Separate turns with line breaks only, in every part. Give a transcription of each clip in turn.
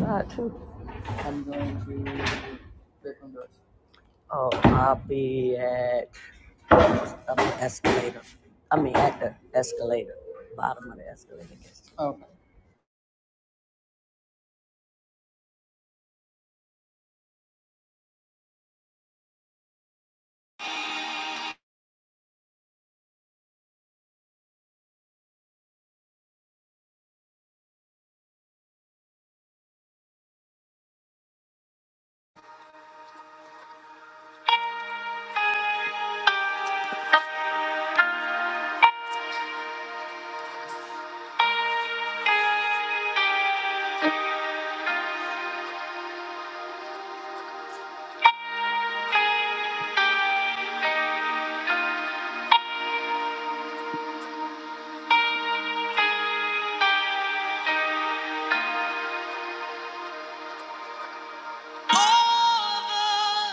that too? I'm going to Baton Rouge. Oh, I'll be at um, the escalator. I mean, at the escalator, bottom of the escalator. Okay.
All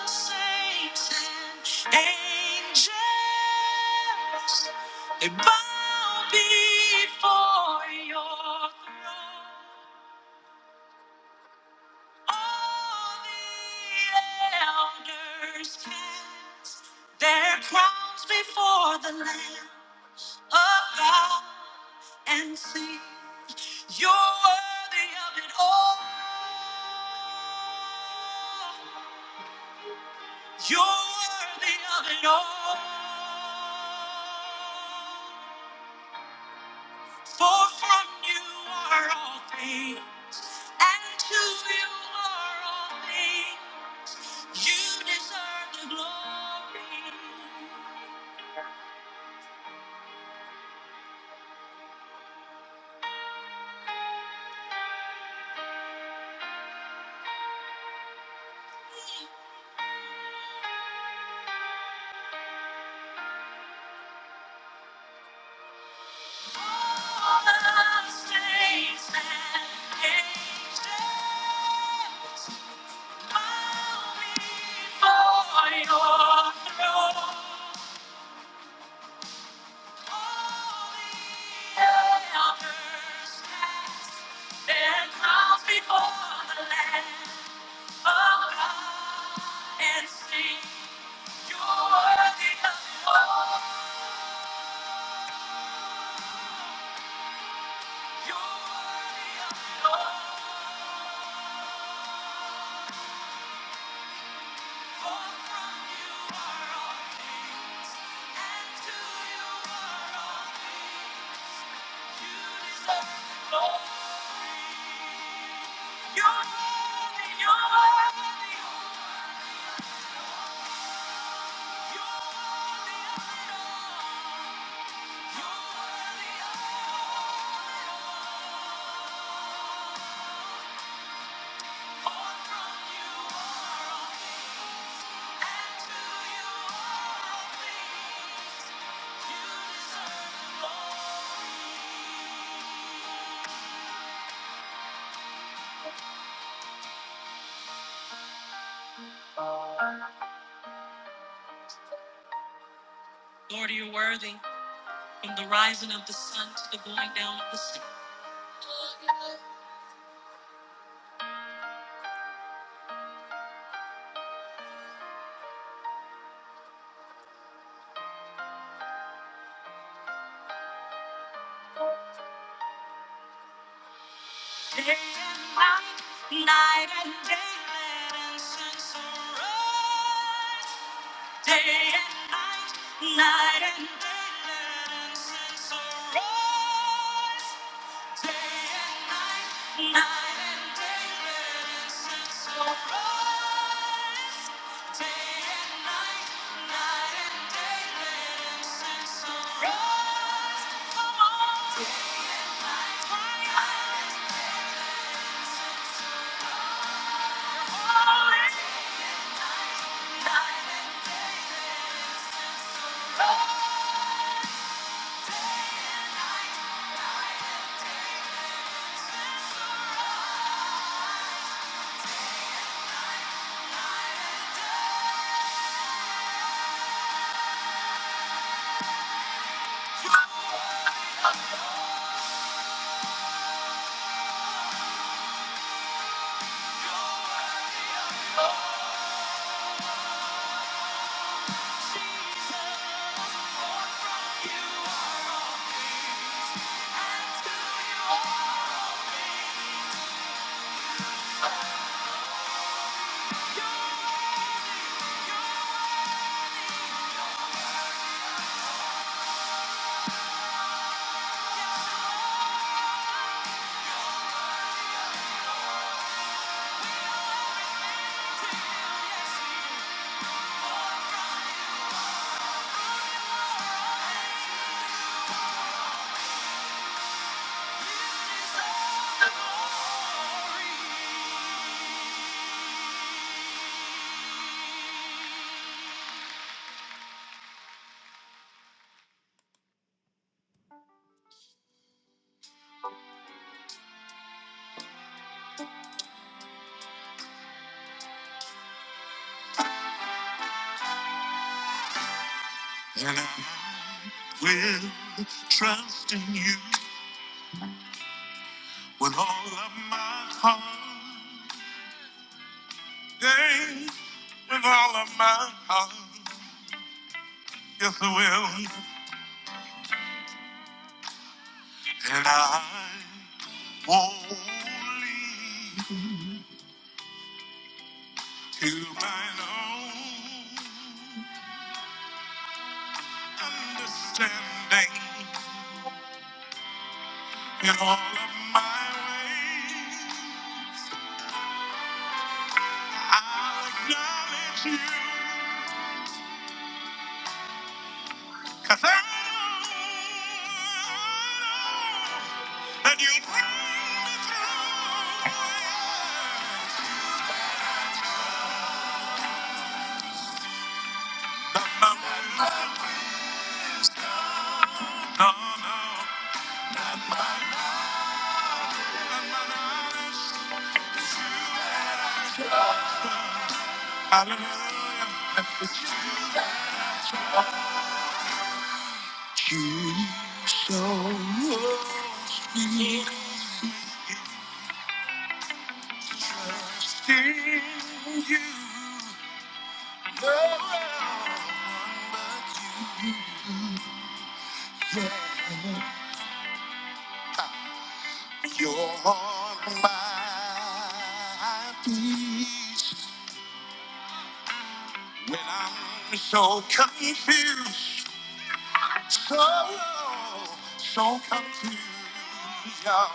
the saints and angels, they bow before your throne. All the elders cast their crowns before the Lamb of God and sing, You're worthy of it all. You're worthy of it all. For from you are all things, and to you are all things. You deserve the glory. All the saints and angels bow before your throne. You're worthy, you're worthy. Lord, you're worthy from the rising of the sun to the going down of the sun. Day and night, night and day, let incense arise. Day and night, night and day, let incense arise. Day and night, night and day, let incense arise. Day and night, night and day, let incense arise. Come on. Day and night, night and day, let incense arise. Holy night and day, let incense arise. And I will trust in you with all of my heart. Yeah, with all of my heart. Yes, I will. And I only to mine own understanding in all of my ways. I'll acknowledge you, 'cause I know that you'll bring me through. No, no, no, no, no, no. Hallelujah. You so Things you you're But you, you're my peace when I'm So confused, so so confused. Yeah.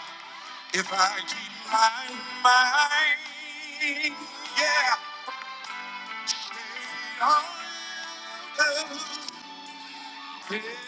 If I keep my mind, yeah, stay on the Paul Porter, ladies and gentlemen.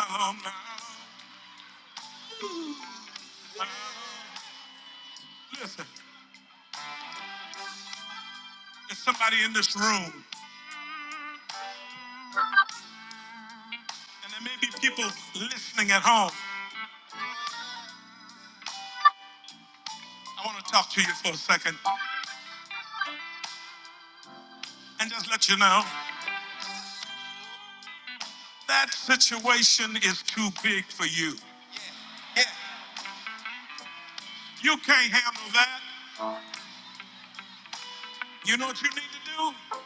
Uh-huh. Listen, there's somebody in this room, and there may be people listening at home. I want to talk to you for a second and just let you know that situation is too big for you. Yeah. You can't handle that. You know what you need to do?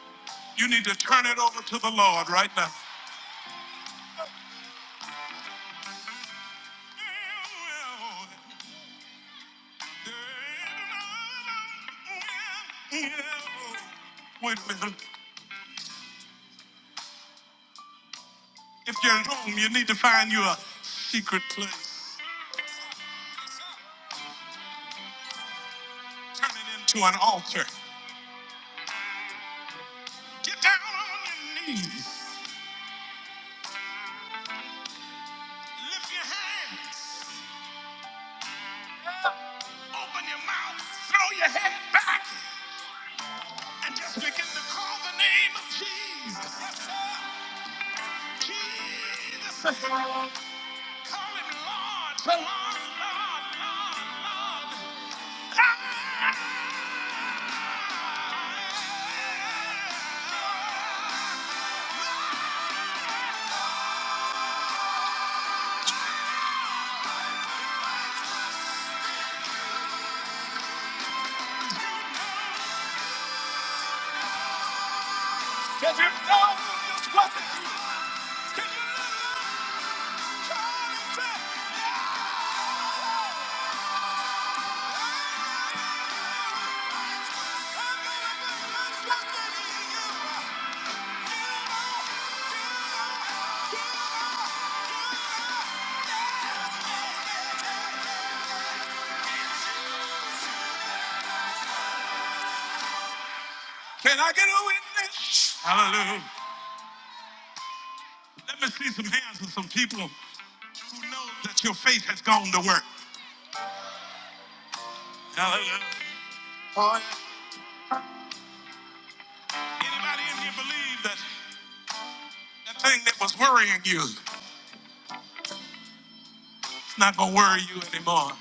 You need to turn it over to the Lord right now. Wait a minute. If you're at home, you need to find you a secret place. Turn it into an altar. Get down on your knees. Lift your hands. Open your mouth. Throw your head back. And just begin to call the name of Jesus. Yes, sir. Jesus. Call him Lord. Lord, Lord, Lord, Lord. Ah! Can you know just what to do? Can you call him? Say, "Ah, ah, ah, ah, ah, ah, ah, ah, ah, ah, ah, ah." Can I get a witness? Hallelujah. Let me see some hands of some people who know that your faith has gone to work. Hallelujah. Anybody in here believe that that thing that was worrying you it's not going to worry you anymore?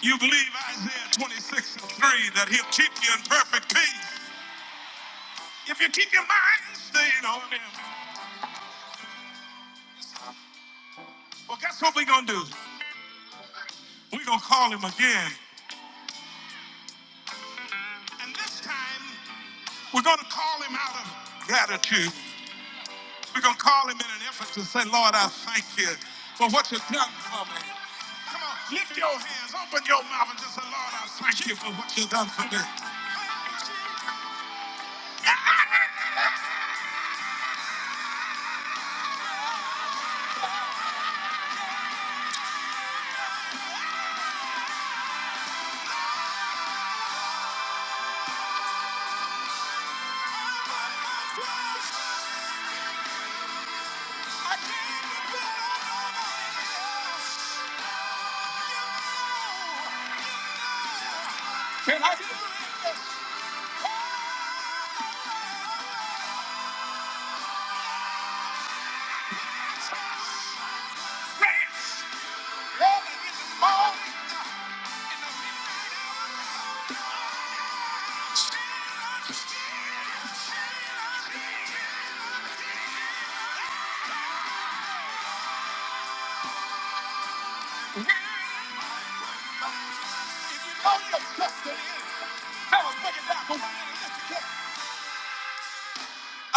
You believe Isaiah 26 and 3 that he'll keep you in perfect peace if you keep your mind stayed on him. Well, guess what we're going to do? We're going to call him again. And this time, we're going to call him out of gratitude. We're going to call him in an effort to say, Lord, I thank you for what you've done for me. Come on, lift your hands, open your mouth, and just say, Lord, I thank you for what you've done for me.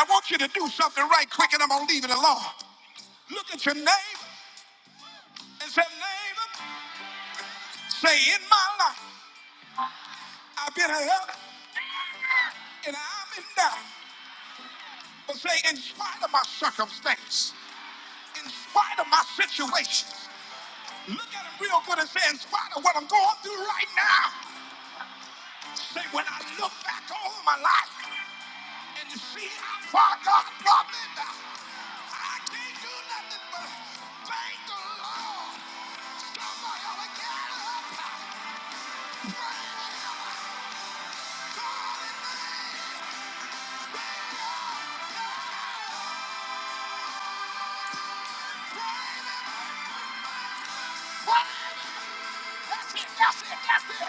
I want you to do something right quick, and I'm going to leave it alone. Look at your name and say, neighbor. Say, in my life, I've been hurt and I'm in doubt. But say, in spite of my circumstance, in spite of my situation, look at him real good and say, in spite of what I'm going through right now, say, when I look back over my life and see how far God brought me now, I can't do nothing but thank the Lord. Somebody ought to get up. Praise God in me. Praise Him. Praise Him. That's it. That's it. That's it.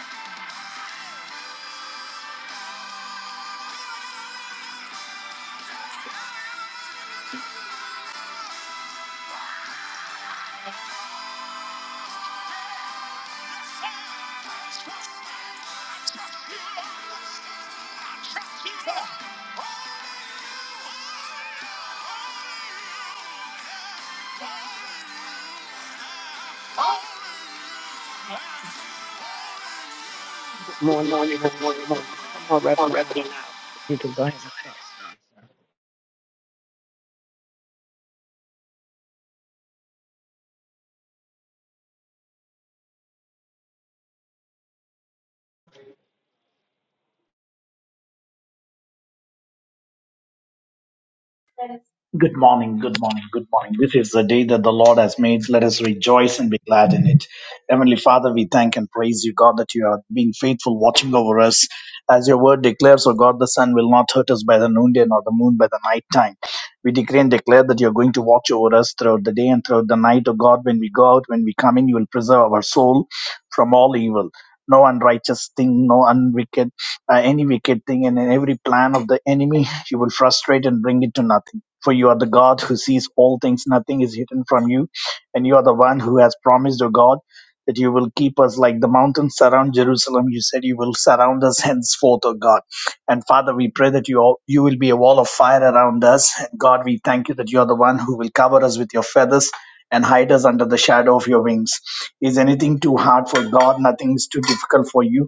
Good morning, good morning, good morning. Come on, Reverend.
Good morning, good morning, good morning. This is the day that the Lord has made. Let us rejoice and be glad in it. Heavenly Father, we thank and praise you, God, that you are being faithful, watching over us. As your word declares, O God, the sun will not hurt us by the noonday nor the moon by the night time. We decree and declare that you are going to watch over us throughout the day and throughout the night, O God, when we go out, when we come in, you will preserve our soul from all evil. No unrighteous thing, no unwicked, uh, any wicked thing, and in every plan of the enemy, you will frustrate and bring it to nothing. For you are the God who sees all things, nothing is hidden from you, and you are the one who has promised, O God, that you will keep us like the mountains surround Jerusalem. You said you will surround us henceforth, O God. And Father, we pray that you all, you will be a wall of fire around us. And God, we thank you that you are the one who will cover us with your feathers and hide us under the shadow of your wings. Is anything too hard for God? Nothing is too difficult for you.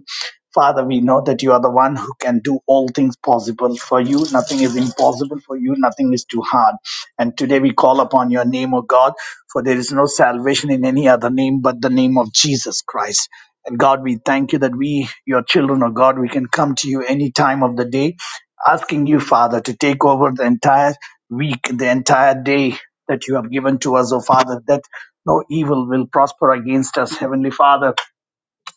Father, we know that you are the one who can do all things possible for you. Nothing is impossible for you. Nothing is too hard. And today we call upon your name, O God, for there is no salvation in any other name but the name of Jesus Christ. And God, we thank you that we, your children, O God, we can come to you any time of the day, asking you, Father, to take over the entire week, the entire day that you have given to us, O Father, that no evil will prosper against us, Heavenly Father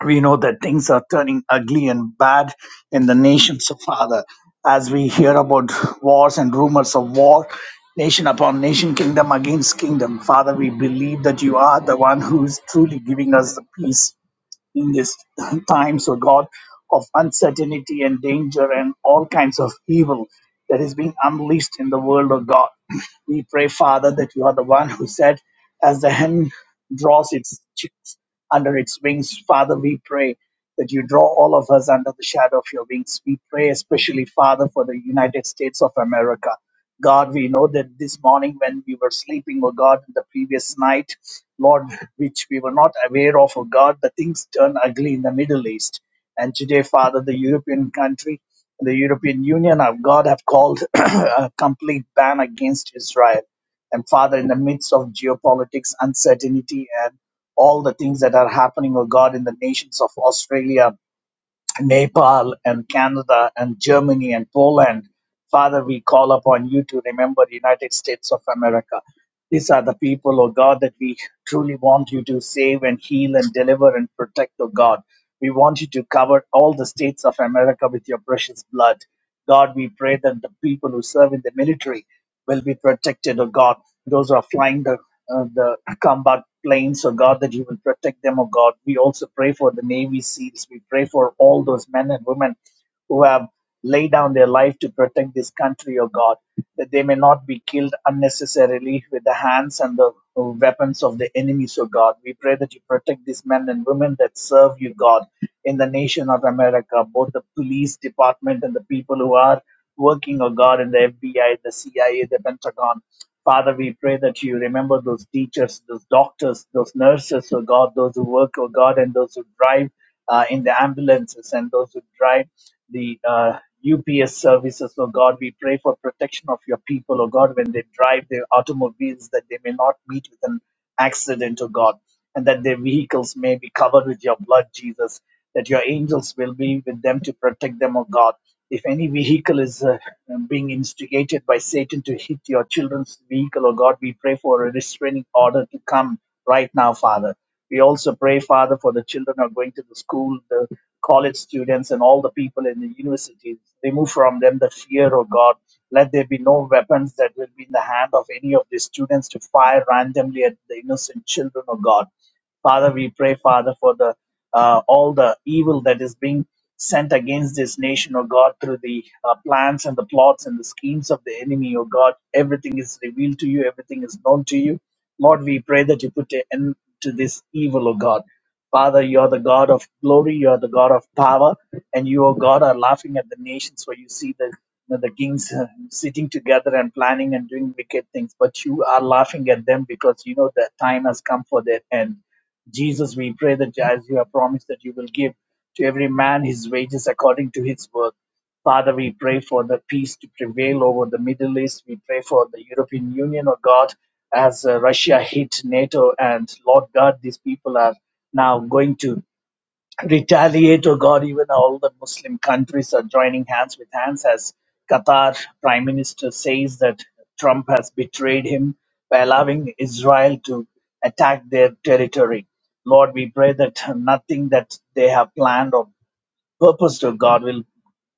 we know that things are turning ugly and bad in the nation. So, Father, as we hear about wars and rumors of war, nation upon nation, kingdom against kingdom, Father, we believe that you are the one who is truly giving us the peace in these times, oh God, of uncertainty and danger and all kinds of evil that is being unleashed in the world, oh God. We pray, Father, that you are the one who said, as the hen draws its chicks under its wings, Father, we pray that you draw all of us under the shadow of your wings. We pray especially, Father, for the United States of America. God, we know that this morning when we were sleeping, oh God, the previous night, Lord, which we were not aware of, oh God, the things turn ugly in the Middle East. And today, Father, the European country, the European Union, of God, have called a complete ban against Israel. And Father, in the midst of geopolitics, uncertainty, and all the things that are happening, oh God, in the nations of Australia, Nepal and Canada and Germany and Poland. Father, we call upon you to remember the United States of America. These are the people, oh God, that we truly want you to save and heal and deliver and protect, oh God. We want you to cover all the states of America with your precious blood. God, we pray that the people who serve in the military, will be protected, oh God. Those who are flying the uh, the combat planes, oh God, that you will protect them, oh God. We also pray for the Navy SEALs. We pray for all those men and women who have laid down their life to protect this country, oh God, that they may not be killed unnecessarily with the hands and the uh, weapons of the enemies, oh God. We pray that you protect these men and women that serve you, God, in the nation of America, both the police department and the people who are working, oh God, in the FBI, the CIA, the Pentagon. Father, we pray that you remember those teachers, those doctors, those nurses, oh God, those who work, oh God, and those who drive uh, in the ambulances and those who drive the uh, UPS services, oh God. We pray for protection of your people, oh God, when they drive their automobiles, that they may not meet with an accident, oh God, and that their vehicles may be covered with your blood, Jesus, that your angels will be with them to protect them, oh God if any vehicle is uh, being instigated by Satan to hit your children's vehicle, oh God, we pray for a restraining order to come right now, Father. We also pray, Father, for the children who are going to the school, the college students, and all the people in the universities. Remove from them the fear, oh God. Let there be no weapons that will be in the hand of any of the students to fire randomly at the innocent children, oh God. Father, we pray, Father, for the uh, all the evil that is being sent against this nation, O God, through the uh, plans and the plots and the schemes of the enemy, O God. Everything is revealed to you, everything is known to you. Lord, we pray that you put an end to this evil, O God. Father, you are the God of glory, you are the God of power, and you, O God, are laughing at the nations where you see the you know, the kings uh, sitting together and planning and doing wicked things, but you are laughing at them because you know that time has come for their end. Jesus, we pray that as you have promised that you will give to every man his wages according to his work. Father, we pray for the peace to prevail over the Middle East. We pray for the European Union, oh God, as uh, Russia hit NATO. And Lord God, these people are now going to retaliate, or God, even all the Muslim countries are joining hands with hands as Qatar Prime Minister says that Trump has betrayed him by allowing Israel to attack their territory. Lord, we pray that nothing that they have planned or purposed, oh God, will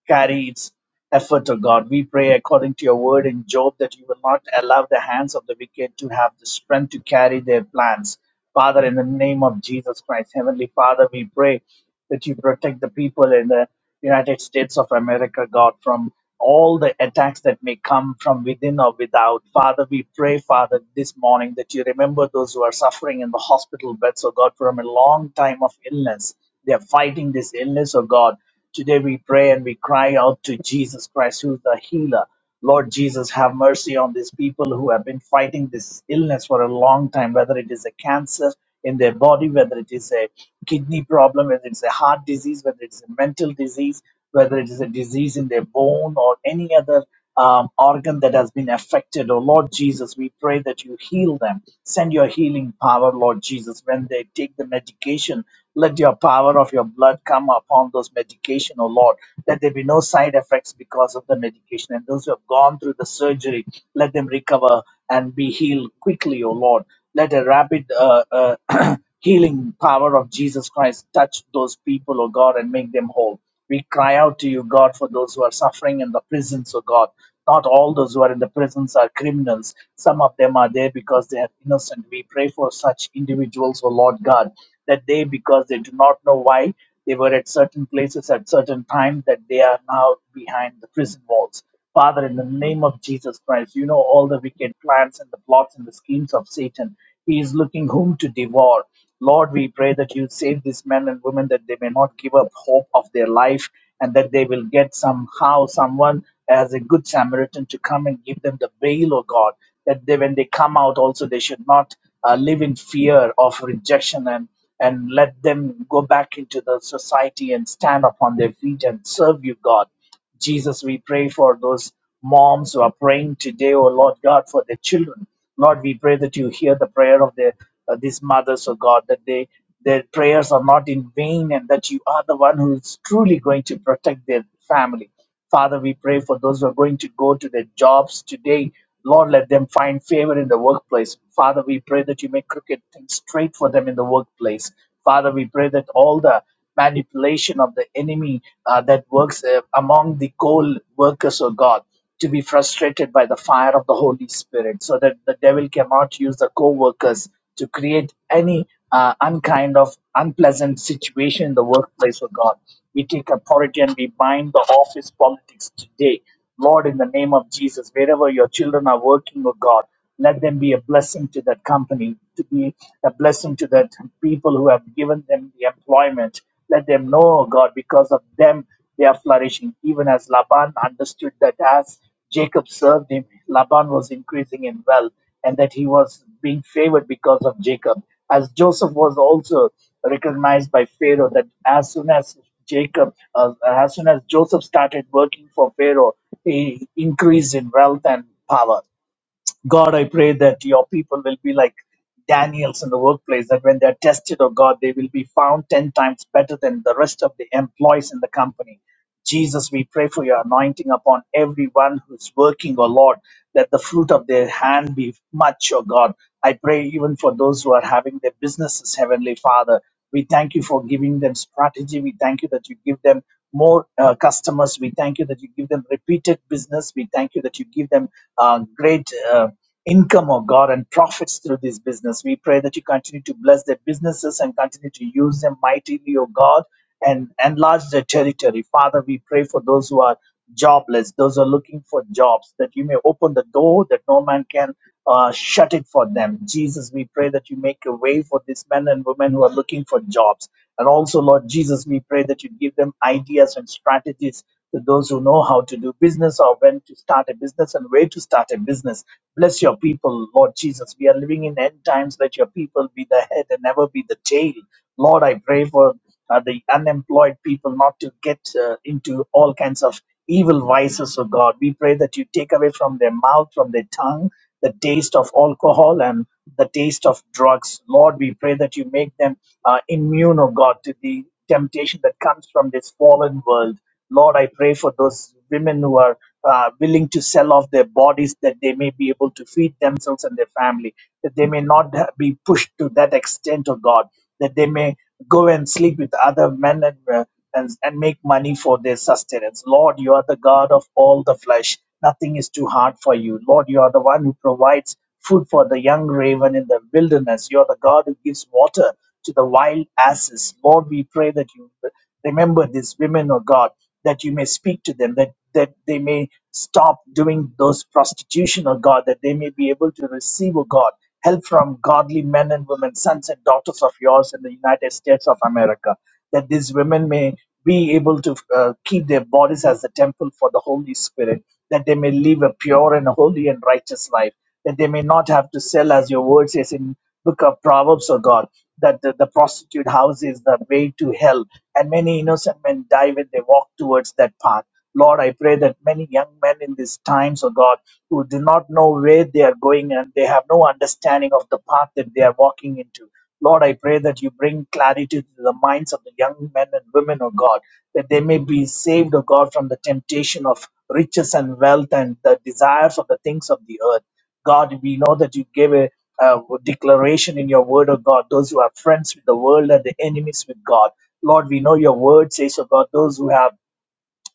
carry its effort, O God. We pray according to your word in Job that you will not allow the hands of the wicked to have the strength to carry their plans. Father, in the name of Jesus Christ, Heavenly Father, we pray that you protect the people in the United States of America, God, from all the attacks that may come from within or without. Father, we pray, Father, this morning that you remember those who are suffering in the hospital beds, oh God, from a long time of illness. They are fighting this illness, oh God. Today we pray and we cry out to Jesus Christ, who is the healer. Lord Jesus, have mercy on these people who have been fighting this illness for a long time, whether it is a cancer in their body, whether it is a kidney problem, whether it's a heart disease, whether it's a mental disease, whether it is a disease in their bone or any other um, organ that has been affected. Oh Lord Jesus, we pray that you heal them. Send your healing power, Lord Jesus, when they take the medication. Let your power of your blood come upon those medication, oh Lord. Let there be no side effects because of the medication. And those who have gone through the surgery, let them recover and be healed quickly, oh Lord. Let a rapid uh, uh, healing power of Jesus Christ touch those people, oh God, and make them whole. We cry out to you, God, for those who are suffering in the prisons, oh God. Not all those who are in the prisons are criminals. Some of them are there because they are innocent. We pray for such individuals, oh Lord God, that they, because they do not know why, they were at certain places at certain time, that they are now behind the prison walls. Father, in the name of Jesus Christ, you know all the wicked plans and the plots and the schemes of Satan. He is looking whom to devour. Lord, we pray that you save these men and women that they may not give up hope of their life and that they will get somehow someone as a good Samaritan to come and give them the bail, O God, that they, when they come out also they should not uh, live in fear of rejection and and let them go back into the society and stand upon their feet and serve you, God. Jesus, we pray for those moms who are praying today, oh Lord God, for their children. Lord, we pray that you hear the prayer of their, uh, these mothers, oh God, that they their prayers are not in vain and that you are the one who is truly going to protect their family. Father, we pray for those who are going to go to their jobs today. Lord, let them find favor in the workplace. Father, we pray that you make crooked things straight for them in the workplace. Father, we pray that all the manipulation of the enemy uh, that works uh, among the coal workers, oh God to be frustrated by the fire of the Holy Spirit so that the devil cannot use the co workers to create any uh, unkind of unpleasant situation in the workplace of God. We take authority and we bind the office politics today. Lord, in the name of Jesus, wherever your children are working, oh God, let them be a blessing to that company, to be a blessing to that people who have given them the employment. Let them know, oh God, because of them they are flourishing. Even as Laban understood that as Jacob served him, Laban was increasing in wealth and that he was being favored because of Jacob. As Joseph was also recognized by Pharaoh that as soon as Jacob, uh, as soon as Joseph started working for Pharaoh, he increased in wealth and power. God, I pray that your people will be like Daniels in the workplace, that when they're tested, oh God, they will be found 10 times better than the rest of the employees in the company. Jesus, we pray for your anointing upon everyone who's working, oh Lord, that the fruit of their hand be much, oh God. I pray even for those who are having their businesses, Heavenly Father. We thank you for giving them strategy. We thank you that you give them more uh, customers. We thank you that you give them repeated business. We thank you that you give them uh, great. Uh, income, oh God, and profits through this business. We pray that you continue to bless their businesses and continue to use them mightily, oh God, and enlarge their territory. Father, we pray for those who are jobless, those who are looking for jobs, that you may open the door that no man can uh, shut it for them. Jesus, we pray that you make a way for these men and women who are looking for jobs. And also, Lord Jesus, we pray that you give them ideas and strategies to those who know how to do business or when to start a business and where to start a business. Bless your people, Lord Jesus. We are living in end times. Let your people be the head and never be the tail. Lord, I pray for uh, the unemployed people not to get uh, into all kinds of evil vices, oh God. We pray that you take away from their mouth, from their tongue, the taste of alcohol and the taste of drugs. Lord, we pray that you make them uh, immune, oh God, to the temptation that comes from this fallen world. Lord, I pray for those women who are uh, willing to sell off their bodies that they may be able to feed themselves and their family, that they may not be pushed to that extent of God, that they may go and sleep with other men and, uh, and, and make money for their sustenance. Lord, you are the God of all the flesh. Nothing is too hard for you. Lord, you are the one who provides food for the young raven in the wilderness. You are the God who gives water to the wild asses. Lord, we pray that you remember these women, O God, that you may speak to them, that, that they may stop doing those prostitution, O God, that they may be able to receive, O God, help from godly men and women, sons and daughters of yours in the United States of America, that these women may be able to uh, keep their bodies as a temple for the Holy Spirit, that they may live a pure and holy and righteous life, that they may not have to sell, as your word says in book of Proverbs, O God, that the, the prostitute house is the way to hell, and many innocent men die when they walk towards that path Lord, I pray that many young men in these times, oh God, who do not know where they are going and they have no understanding of the path that they are walking into. Lord, I pray that you bring clarity to the minds of the young men and women, oh God, that they may be saved, oh God, from the temptation of riches and wealth and the desires of the things of the earth. God, we know that you gave a, uh declaration in your word, O God, those who are friends with the world and the enemies with God. Lord, we know your word says, oh God, those who have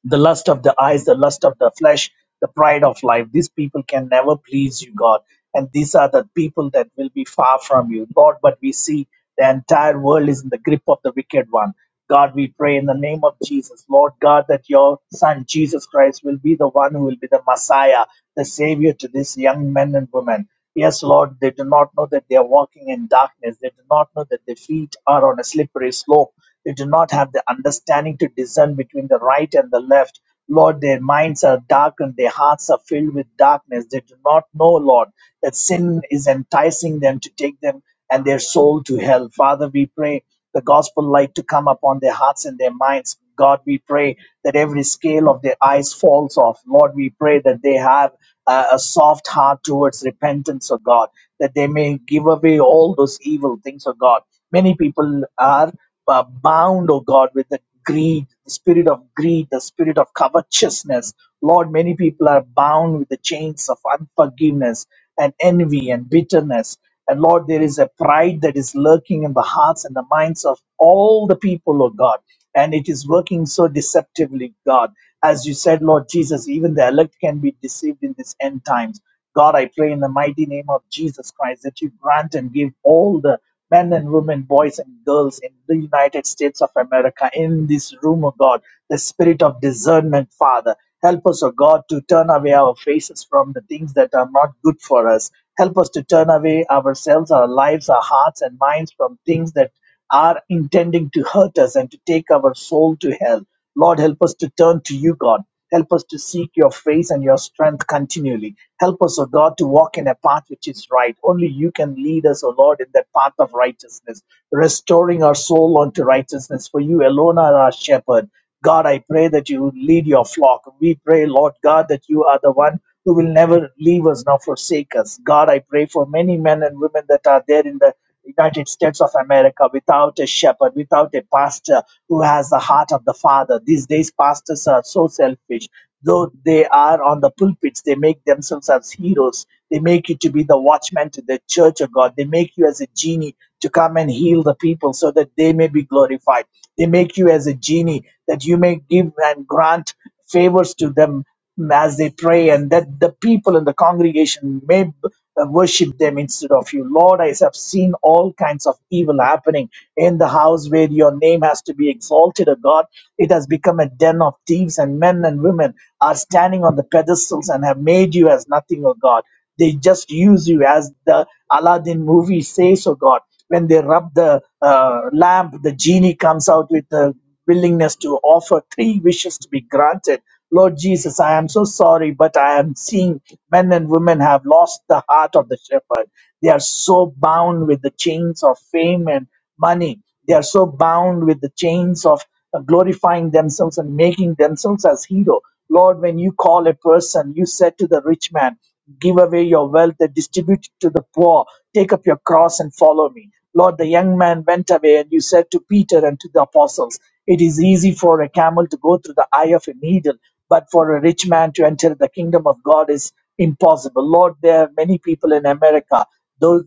the lust of the eyes, the lust of the flesh, the pride of life. These people can never please you, God. And these are the people that will be far from you, Lord. But we see the entire world is in the grip of the wicked one. God, we pray in the name of Jesus, Lord God, that your son Jesus Christ will be the one who will be the Messiah, the Savior to these young men and women. Yes, Lord, they do not know that they are walking in darkness. They do not know that their feet are on a slippery slope. They do not have the understanding to discern between the right and the left. Lord, their minds are darkened, their hearts are filled with darkness. They do not know, Lord, that sin is enticing them to take them and their soul to hell. Father, we pray the gospel light to come upon their hearts and their minds. God, we pray that every scale of their eyes falls off. Lord, we pray that they have uh, a soft heart towards repentance O God, that they may give away all those evil things O God. Many people are uh, bound, O God, with the greed, the spirit of greed, the spirit of covetousness. Lord, many people are bound with the chains of unforgiveness and envy and bitterness. And Lord, there is a pride that is lurking in the hearts and the minds of all the people, O God and it is working so deceptively, God. As you said, Lord Jesus, even the elect can be deceived in these end times. God, I pray in the mighty name of Jesus Christ that you grant and give all the men and women, boys and girls in the United States of America, in this room, of God, the spirit of discernment, Father. Help us, O God, to turn away our faces from the things that are not good for us. Help us to turn away ourselves, our lives, our hearts, and minds from things that are intending to hurt us and to take our soul to hell. Lord, help us to turn to you, God. Help us to seek your face and your strength continually. Help us, O God, to walk in a path which is right. Only you can lead us, O Lord, in that path of righteousness, restoring our soul unto righteousness. For you alone are our shepherd. God, I pray that you lead your flock. We pray, Lord God, that you are the one who will never leave us nor forsake us. God, I pray for many men and women that are there in the United States of America without a shepherd, without a pastor who has the heart of the Father. These days, pastors are so selfish. Though they are on the pulpits, they make themselves as heroes. They make you to be the watchman to the church of God. They make you as a genie to come and heal the people so that they may be glorified. They make you as a genie that you may give and grant favors to them as they pray and that the people in the congregation may b- uh, worship them instead of you. Lord, I have seen all kinds of evil happening in the house where your name has to be exalted, O God. It has become a den of thieves, and men and women are standing on the pedestals and have made you as nothing, O God. They just use you as the Aladdin movie says, oh God. When they rub the uh, lamp, the genie comes out with the willingness to offer three wishes to be granted. Lord Jesus, I am so sorry, but I am seeing men and women have lost the heart of the shepherd. They are so bound with the chains of fame and money. They are so bound with the chains of uh, glorifying themselves and making themselves as hero. Lord, when you call a person, you said to the rich man, Give away your wealth, distribute it to the poor. Take up your cross and follow me. Lord, the young man went away, and you said to Peter and to the apostles, It is easy for a camel to go through the eye of a needle, but for a rich man to enter the kingdom of God is impossible. Lord, there are many people in America. Those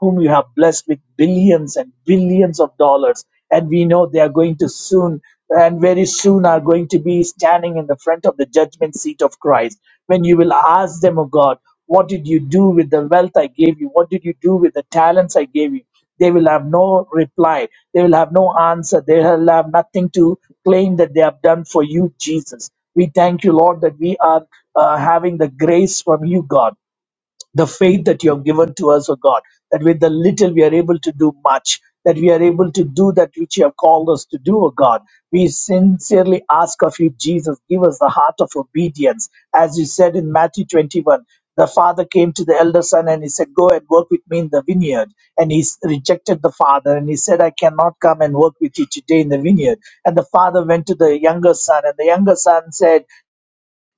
whom you have blessed with billions and billions of dollars. And we know they are going to soon and very soon are going to be standing in the front of the judgment seat of Christ. When you will ask them, oh God, what did you do with the wealth I gave you? What did you do with the talents I gave you? They will have no reply. They will have no answer. They will have nothing to claim that they have done for you, Jesus. We thank you, Lord, that we are uh, having the grace from you, God the faith that you have given to us, O God, that with the little we are able to do much, that we are able to do that which you have called us to do, O God. We sincerely ask of you, Jesus, give us the heart of obedience. As you said in Matthew 21, the father came to the elder son and he said, Go and work with me in the vineyard. And he s- rejected the father and he said, I cannot come and work with you today in the vineyard. And the father went to the younger son, and the younger son said,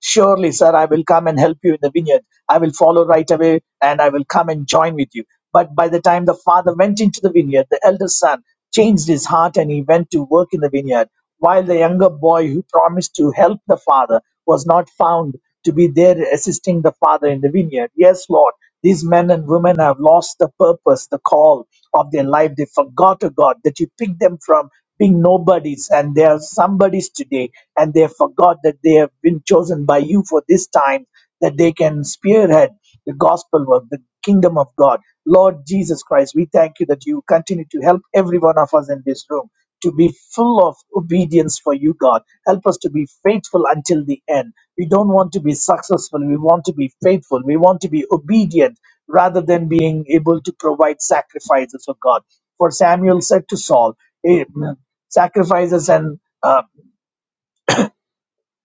Surely, sir, I will come and help you in the vineyard. I will follow right away and I will come and join with you. But by the time the father went into the vineyard, the elder son changed his heart and he went to work in the vineyard. While the younger boy who promised to help the father was not found to be there assisting the father in the vineyard. Yes, Lord, these men and women have lost the purpose, the call of their life. They forgot, oh God, that you picked them from being nobodies and they are somebodies today and they forgot that they have been chosen by you for this time that they can spearhead the gospel work the kingdom of god lord jesus christ we thank you that you continue to help every one of us in this room to be full of obedience for you god help us to be faithful until the end we don't want to be successful we want to be faithful we want to be obedient rather than being able to provide sacrifices for god for samuel said to saul Amen. Sacrifices and uh,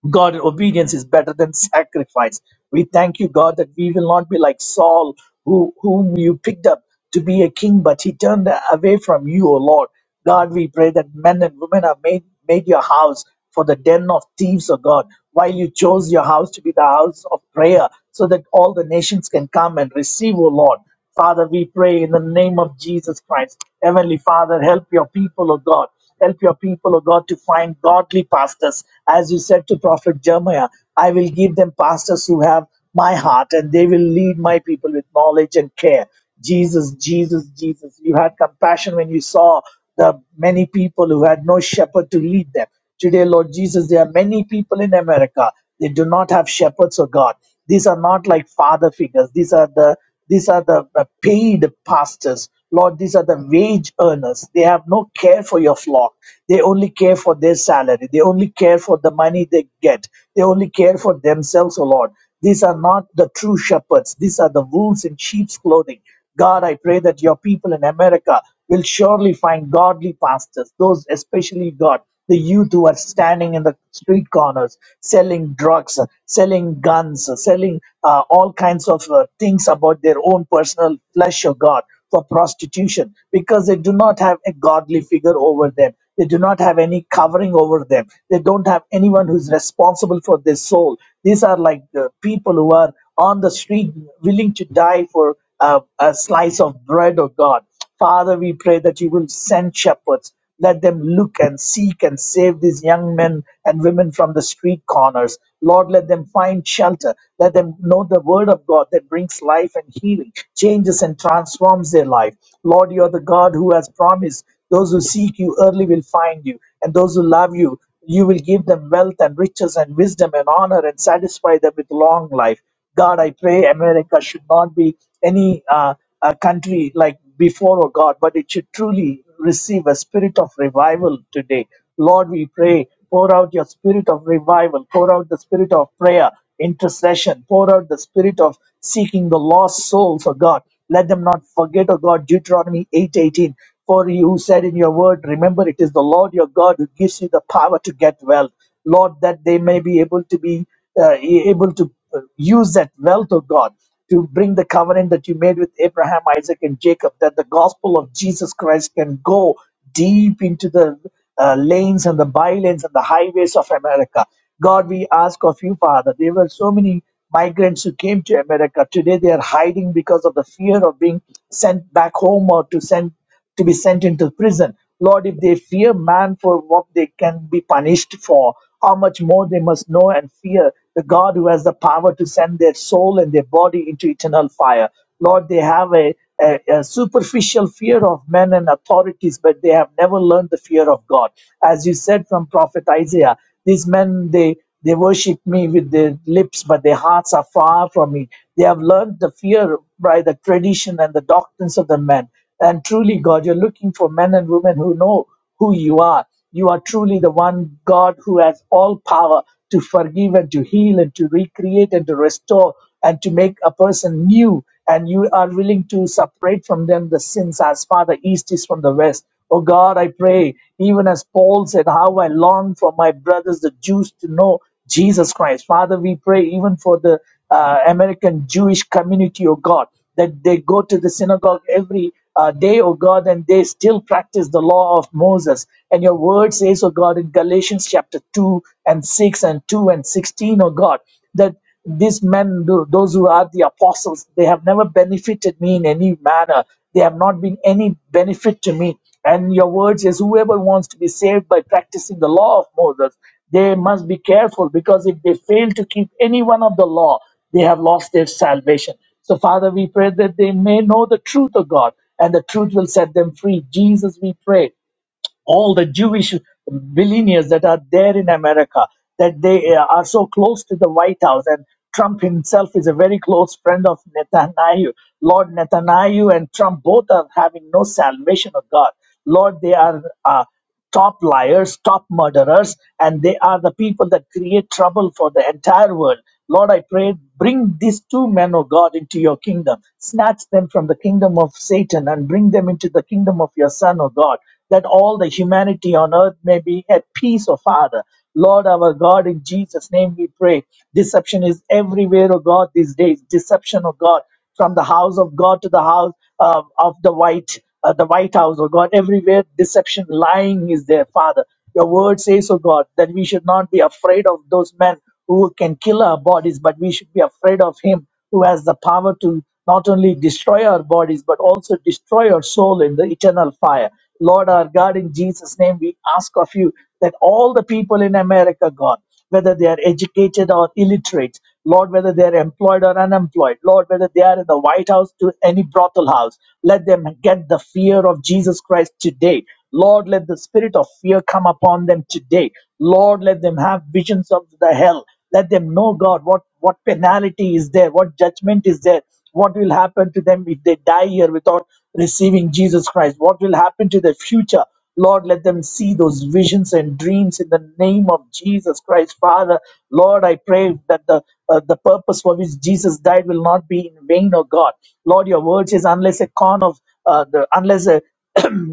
God obedience is better than sacrifice. We thank you, God, that we will not be like Saul, who whom you picked up to be a king, but he turned away from you, O Lord. God, we pray that men and women are made made your house for the den of thieves, O God, while you chose your house to be the house of prayer, so that all the nations can come and receive, O Lord. Father, we pray in the name of Jesus Christ. Heavenly Father, help your people, O God. Help your people, O God, to find godly pastors. As you said to Prophet Jeremiah, I will give them pastors who have my heart and they will lead my people with knowledge and care. Jesus, Jesus, Jesus. You had compassion when you saw the many people who had no shepherd to lead them. Today, Lord Jesus, there are many people in America. They do not have shepherds, O God. These are not like father figures. These are the these are the, the paid pastors. Lord, these are the wage earners. They have no care for your flock. They only care for their salary. They only care for the money they get. They only care for themselves, O Lord. These are not the true shepherds. These are the wolves in sheep's clothing. God, I pray that your people in America will surely find godly pastors, those especially God the youth who are standing in the street corners selling drugs, uh, selling guns, uh, selling uh, all kinds of uh, things about their own personal flesh of God for prostitution because they do not have a godly figure over them. They do not have any covering over them. They don't have anyone who's responsible for their soul. These are like the people who are on the street willing to die for uh, a slice of bread of God. Father, we pray that you will send shepherds. Let them look and seek and save these young men and women from the street corners. Lord, let them find shelter. Let them know the word of God that brings life and healing, changes and transforms their life. Lord, you are the God who has promised those who seek you early will find you, and those who love you, you will give them wealth and riches and wisdom and honor and satisfy them with long life. God, I pray America should not be any uh, a country like before, oh God, but it should truly receive a spirit of revival today. Lord, we pray, pour out your spirit of revival, pour out the spirit of prayer, intercession, pour out the spirit of seeking the lost souls for God. Let them not forget, oh God, Deuteronomy 8:18. For you said in your word, remember it is the Lord your God who gives you the power to get wealth. Lord, that they may be able to be uh, e, able to uh, use that wealth, oh God, to bring the covenant that you made with Abraham, Isaac, and Jacob, that the gospel of Jesus Christ can go deep into the uh, lanes and the bylanes and the highways of America. God, we ask of you, Father, there were so many migrants who came to America. Today they are hiding because of the fear of being sent back home or to send to be sent into prison. Lord, if they fear man for what they can be punished for, how much more they must know and fear the God who has the power to send their soul and their body into eternal fire. Lord, they have a, a, a superficial fear of men and authorities, but they have never learned the fear of God. As you said from Prophet Isaiah, these men, they they worship me with their lips, but their hearts are far from me. They have learned the fear by the tradition and the doctrines of the men. And truly, God, you're looking for men and women who know who you are. You are truly the one God who has all power to forgive and to heal and to recreate and to restore and to make a person new. And you are willing to separate from them the sins as far the east is from the west. Oh God, I pray, even as Paul said, how I long for my brothers, the Jews, to know Jesus Christ. Father, we pray even for the uh, American Jewish community, oh God, that they go to the synagogue every uh, day, oh God, and they still practice the law of Moses. And your word says, oh God, in Galatians chapter 2 and 6 and 2 and 16, O God, that these men, tho- those who are the apostles, they have never benefited me in any manner. They have not been any benefit to me. And your word says, whoever wants to be saved by practicing the law of Moses, they must be careful because if they fail to keep any one of the law, they have lost their salvation. So, Father, we pray that they may know the truth of God and the truth will set them free. Jesus, we pray all the Jewish billionaires that are there in America, that they uh, are so close to the White House. And Trump himself is a very close friend of Netanyahu. Lord Netanyahu and Trump both are having no salvation of God. Lord, they are. Uh, top liars, top murderers, and they are the people that create trouble for the entire world. Lord, I pray, bring these two men, O God, into your kingdom. Snatch them from the kingdom of Satan and bring them into the kingdom of your Son, O God, that all the humanity on earth may be at peace, O Father. Lord, our God, in Jesus' name we pray. Deception is everywhere, O God, these days. Deception, O God from the house of God to the house uh, of the white, uh, the White House, oh God. Everywhere deception, lying is there, Father. Your word says, oh God, that we should not be afraid of those men who can kill our bodies, but we should be afraid of Him who has the power to not only destroy our bodies, but also destroy our soul in the eternal fire. Lord our God, in Jesus' name, we ask of you that all the people in America, God, whether they are educated or illiterate, Lord, whether they are employed or unemployed, Lord, whether they are in the White House to any brothel house, let them get the fear of Jesus Christ today. Lord, let the spirit of fear come upon them today. Lord, let them have visions of the hell. Let them know, God, what, what penalty is there, what judgment is there, what will happen to them if they die here without receiving Jesus Christ, what will happen to their future Lord, let them see those visions and dreams in the name of Jesus Christ. Father, Lord, I pray that the uh, the purpose for which Jesus died will not be in vain, oh God. Lord, your word is unless a corn of uh, the unless a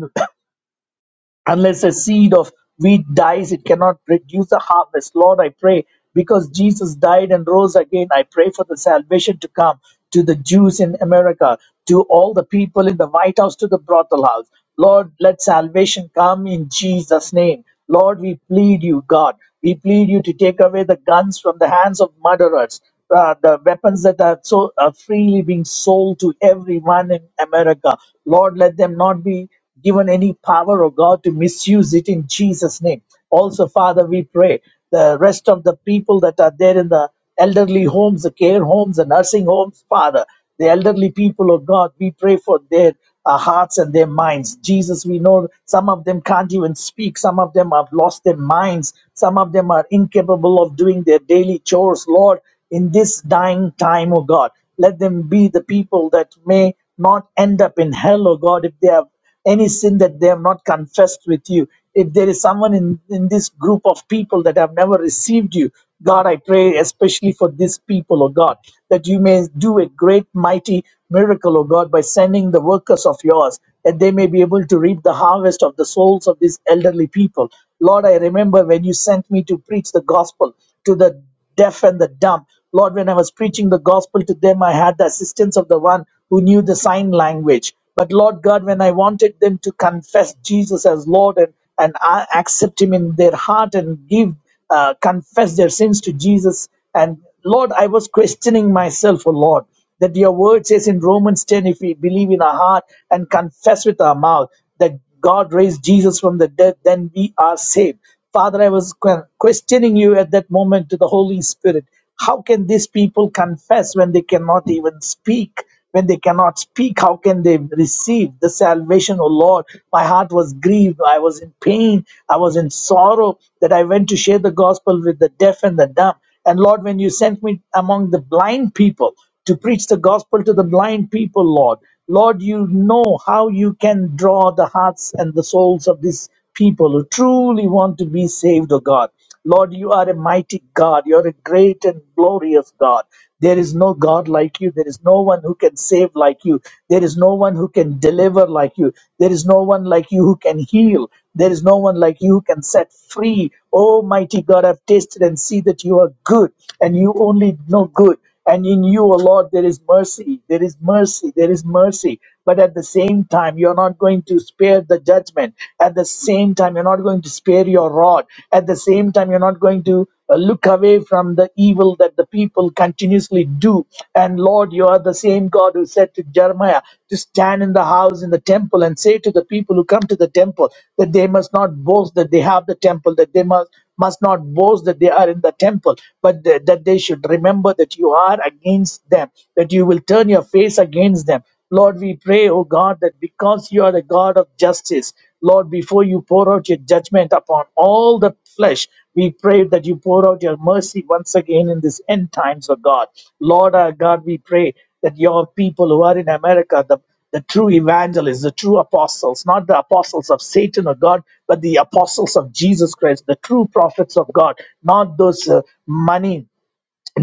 unless a seed of wheat dies, it cannot produce a harvest. Lord, I pray because Jesus died and rose again, I pray for the salvation to come to the Jews in America, to all the people in the White House, to the brothel house. Lord, let salvation come in Jesus' name. Lord, we plead you, God. We plead you to take away the guns from the hands of murderers, uh, the weapons that are so are freely being sold to everyone in America. Lord, let them not be given any power, oh God, to misuse it in Jesus' name. Also, Father, we pray the rest of the people that are there in the elderly homes, the care homes, the nursing homes, Father, the elderly people, oh God, we pray for their uh, hearts and their minds. Jesus, we know some of them can't even speak, some of them have lost their minds, some of them are incapable of doing their daily chores, Lord, in this dying time, oh God. Let them be the people that may not end up in hell, oh God, if they have any sin that they have not confessed with you. If there is someone in, in this group of people that have never received you, God, I pray especially for these people, O God, that you may do a great, mighty miracle, O God, by sending the workers of yours, that they may be able to reap the harvest of the souls of these elderly people. Lord, I remember when you sent me to preach the gospel to the deaf and the dumb. Lord, when I was preaching the gospel to them, I had the assistance of the one who knew the sign language. But Lord God, when I wanted them to confess Jesus as Lord and, and I accept Him in their heart and give uh, confess their sins to Jesus, and Lord, I was questioning myself, oh Lord that your word says in Romans 10 if we believe in our heart and confess with our mouth that God raised Jesus from the dead, then we are saved. Father, I was que- questioning you at that moment to the Holy Spirit. How can these people confess when they cannot even speak? When they cannot speak, how can they receive the salvation, O Lord? My heart was grieved. I was in pain. I was in sorrow that I went to share the gospel with the deaf and the dumb. And Lord, when you sent me among the blind people to preach the gospel to the blind people, Lord, Lord, you know how you can draw the hearts and the souls of these people who truly want to be saved, O God. Lord, you are a mighty God. You're a great and glorious God. There is no God like you. There is no one who can save like you. There is no one who can deliver like you. There is no one like you who can heal. There is no one like you who can set free. Oh, mighty God, I've tasted and see that you are good and you only know good. And in you, O Lord, there is mercy, there is mercy, there is mercy. But at the same time, you're not going to spare the judgment. At the same time, you're not going to spare your rod. At the same time, you're not going to uh, look away from the evil that the people continuously do. And Lord, you are the same God who said to Jeremiah to stand in the house, in the temple, and say to the people who come to the temple that they must not boast that they have the temple, that they must must not boast that they are in the temple, but th- that they should remember that you are against them, that you will turn your face against them. Lord, we pray, O God, that because you are the God of justice, Lord, before you pour out your judgment upon all the flesh, we pray that you pour out your mercy once again in this end times, O God. Lord, our God, we pray that your people who are in America, the the true evangelists, the true apostles, not the apostles of Satan or God, but the apostles of Jesus Christ, the true prophets of God, not those uh, money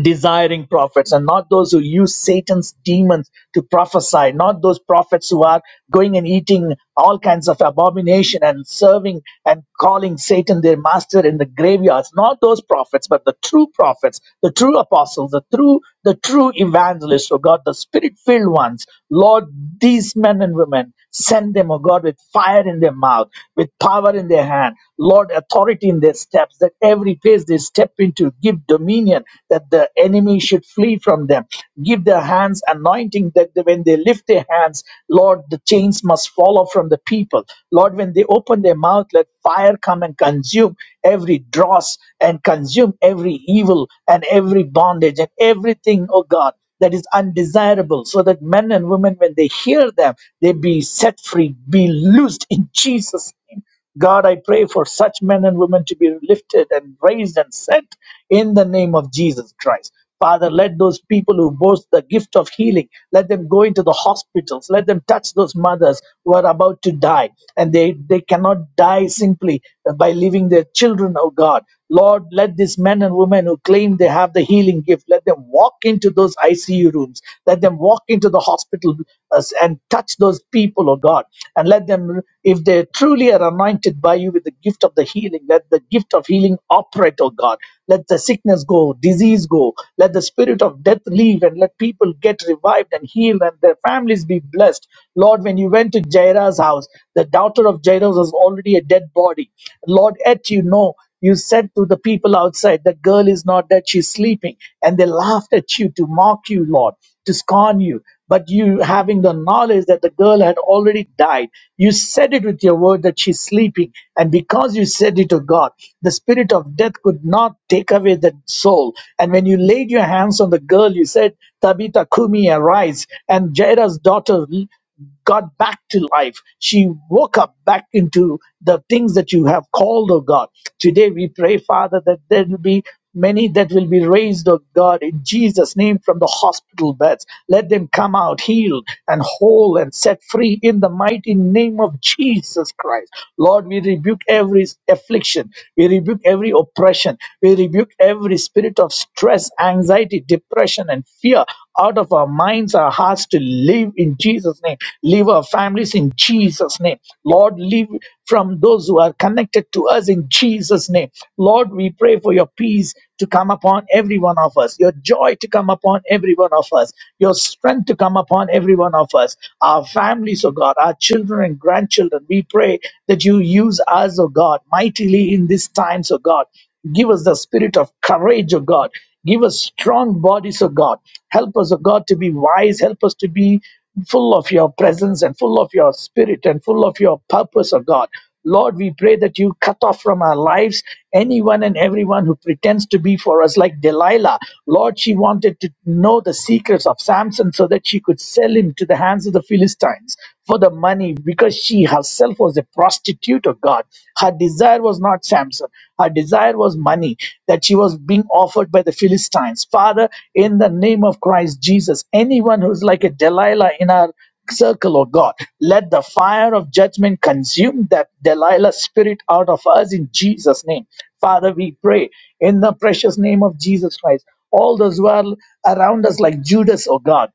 desiring prophets and not those who use Satan's demons to prophesy, not those prophets who are going and eating all kinds of abomination and serving and calling Satan their master in the graveyards, not those prophets, but the true prophets, the true apostles, the true, the true evangelists, oh God, the spirit-filled ones. Lord, these men and women, send them, oh God, with fire in their mouth, with power in their hand, Lord, authority in their steps, that every place they step into give dominion that the enemy should flee from them. Give their hands anointing that they- when they lift their hands, Lord, the chains must fall off from the people. Lord, when they open their mouth, let fire come and consume every dross and consume every evil and every bondage and everything, oh God that is undesirable so that men and women when they hear them they be set free be loosed in jesus name god i pray for such men and women to be lifted and raised and set in the name of jesus christ Father, let those people who boast the gift of healing, let them go into the hospitals, let them touch those mothers who are about to die. And they, they cannot die simply by leaving their children, oh God. Lord, let these men and women who claim they have the healing gift, let them walk into those ICU rooms, let them walk into the hospital uh, and touch those people, oh God. And let them, if they truly are anointed by you with the gift of the healing, let the gift of healing operate, oh God. Let the sickness go, disease go, let the spirit of death leave, and let people get revived and healed, and their families be blessed. Lord, when you went to to Jairus' house. The daughter of Jairus was already a dead body. Lord, yet you know, you said to the people outside, the girl is not dead, she's sleeping. And they laughed at you to mock you, Lord, to scorn you. But you, having the knowledge that the girl had already died, you said it with your word that she's sleeping. And because you said it to God, the spirit of death could not take away the soul. And when you laid your hands on the girl, you said, Tabitha Kumi, arise. And Jairus' daughter got back to life. She woke up back into the things that you have called, oh God. Today we pray, Father, that there will be many that will be raised, oh God, in Jesus' name from the hospital beds. Let them come out healed and whole and set free in the mighty name of Jesus Christ. Lord, we rebuke every affliction. We rebuke every oppression. We rebuke every spirit of stress, anxiety, depression, and fear out of our minds, our hearts to live in Jesus' name. Live our families in Jesus' name. Lord, live from those who are connected to us in Jesus' name. Lord, we pray for your peace to come upon every one of us, your joy to come upon every one of us, your strength to come upon every one of us, our families, oh God, our children and grandchildren. We pray that you use us, oh God, mightily in these times, oh God. Give us the spirit of courage, O God. Give us strong bodies, O God. Help us, O God, to be wise. Help us to be full of your presence and full of your spirit and full of your purpose, O God. Lord, we pray that you cut off from our lives anyone and everyone who pretends to be for us, like Delilah. Lord, she wanted to know the secrets of Samson so that she could sell him to the hands of the Philistines for the money because she herself was a prostitute substitute of God. Her desire was not Samson, her desire was money that she was being offered by the Philistines. Father, in the name of Christ Jesus, anyone who's like a Delilah in our circle, oh God. Let the fire of judgment consume that Delilah spirit out of us in Jesus' name. Father, we pray in the precious name of Jesus Christ. All those who are around us, like Judas, oh God,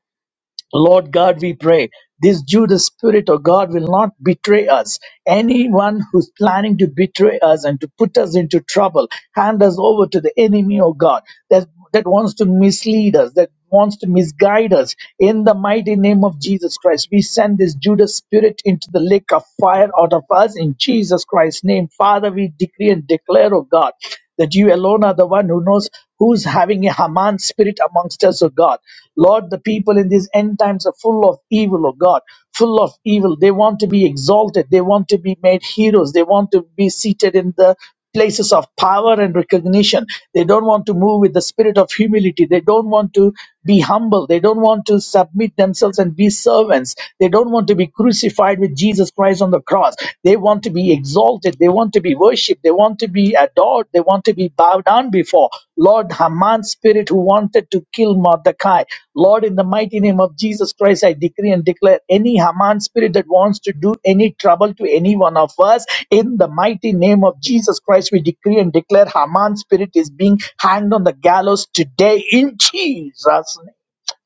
Lord God, we pray this Judas spirit of God will not betray us. Anyone who's planning to betray us and to put us into trouble, hand us over to the enemy of God that, that wants to mislead us, that wants to misguide us. In the mighty name of Jesus Christ, we send this Judas spirit into the lake of fire out of us in Jesus Christ's name. Father, we decree and declare, oh God that you alone are the one who knows who's having a Haman spirit amongst us, O God. Lord, the people in these end times are full of evil, O God, full of evil. They want to be exalted, they want to be made heroes, they want to be seated in the places of power and recognition. They don't want to move with the spirit of humility. They don't want to be humble. They don't want to submit themselves and be servants. They don't want to be crucified with Jesus Christ on the cross. They want to be exalted. They want to be worshipped. They want to be be adored, they want to be bowed down before. Lord, Haman's spirit who wanted to kill Mordecai, Lord, in the mighty name of Jesus Christ, I decree and declare any Haman spirit that wants to do any trouble to any one of us, in the mighty name of Jesus Christ, we decree and declare Haman's spirit is being hanged on the gallows today in Jesus' name.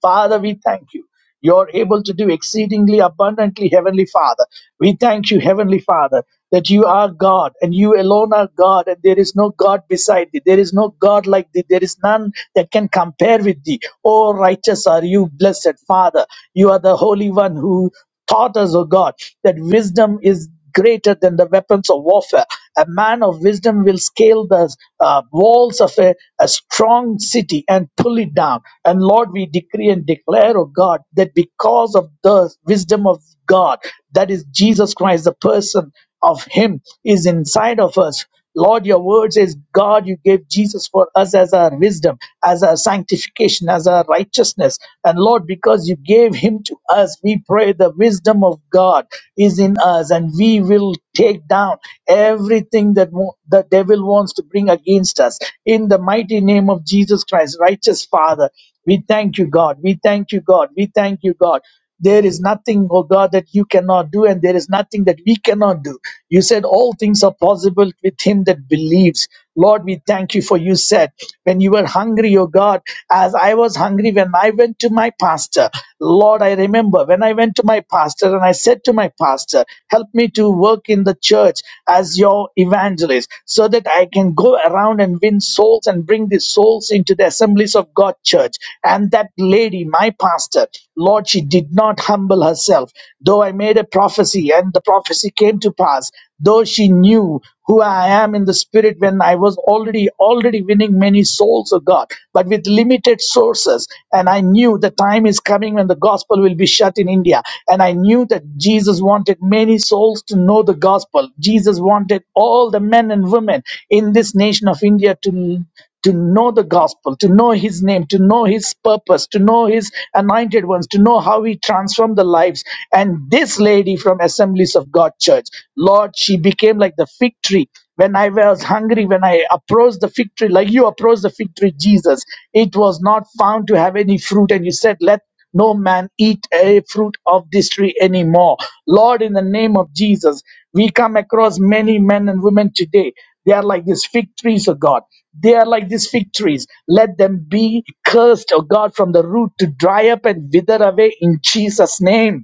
Father, we thank you. You're able to do exceedingly abundantly, Heavenly Father. We thank you, Heavenly Father, that you are God and you alone are God, and there is no God beside thee. There is no God like thee. There is none that can compare with thee. Oh, righteous are you, blessed Father. You are the Holy One who taught us, O God, that wisdom is greater than the weapons of warfare. A man of wisdom will scale the uh, walls of a, a strong city and pull it down. And Lord, we decree and declare, oh God, that because of the wisdom of God, that is Jesus Christ, the person of Him is inside of us. Lord, your word says, God, you gave Jesus for us as our wisdom, as our sanctification, as our righteousness. And Lord, because you gave him to us, we pray the wisdom of God is in us and we will take down everything that mo- the devil wants to bring against us. In the mighty name of Jesus Christ, righteous Father, we thank you, God. We thank you, God. We thank you, God. There is nothing, O God, that you cannot do, and there is nothing that we cannot do. You said all things are possible with him that believes. Lord, we thank you for you said, when you were hungry, O God, as I was hungry when I went to my pastor. Lord, I remember when I went to my pastor and I said to my pastor, help me to work in the church as your evangelist so that I can go go around and win souls and bring these souls into the assemblies of God church. And that lady, my pastor, Lord, she did not humble herself. Though I made a prophecy and the prophecy came to pass, though she knew who I am in the spirit when I was already already winning many souls of God, but with limited sources. And I knew the time is coming when the gospel will be shut in India. India. And I knew that Jesus wanted many souls to know the gospel. Jesus wanted all the men and women in this nation of India to to know the gospel, to know his name, to know his purpose, to know his anointed ones, to know how he transformed the lives. And this lady from Assemblies of God Church, Lord, she became like the fig tree. When I was hungry, when I approached the fig tree, like you approached the fig tree, Jesus, it was not found to have any fruit. And you said, Let no man eat a fruit of this tree anymore. Lord, in the name of Jesus, we come across many men and women today. They are like these fig trees, oh God. They are like these fig trees. Let them be cursed, oh God, from the root to dry up and wither away in Jesus' name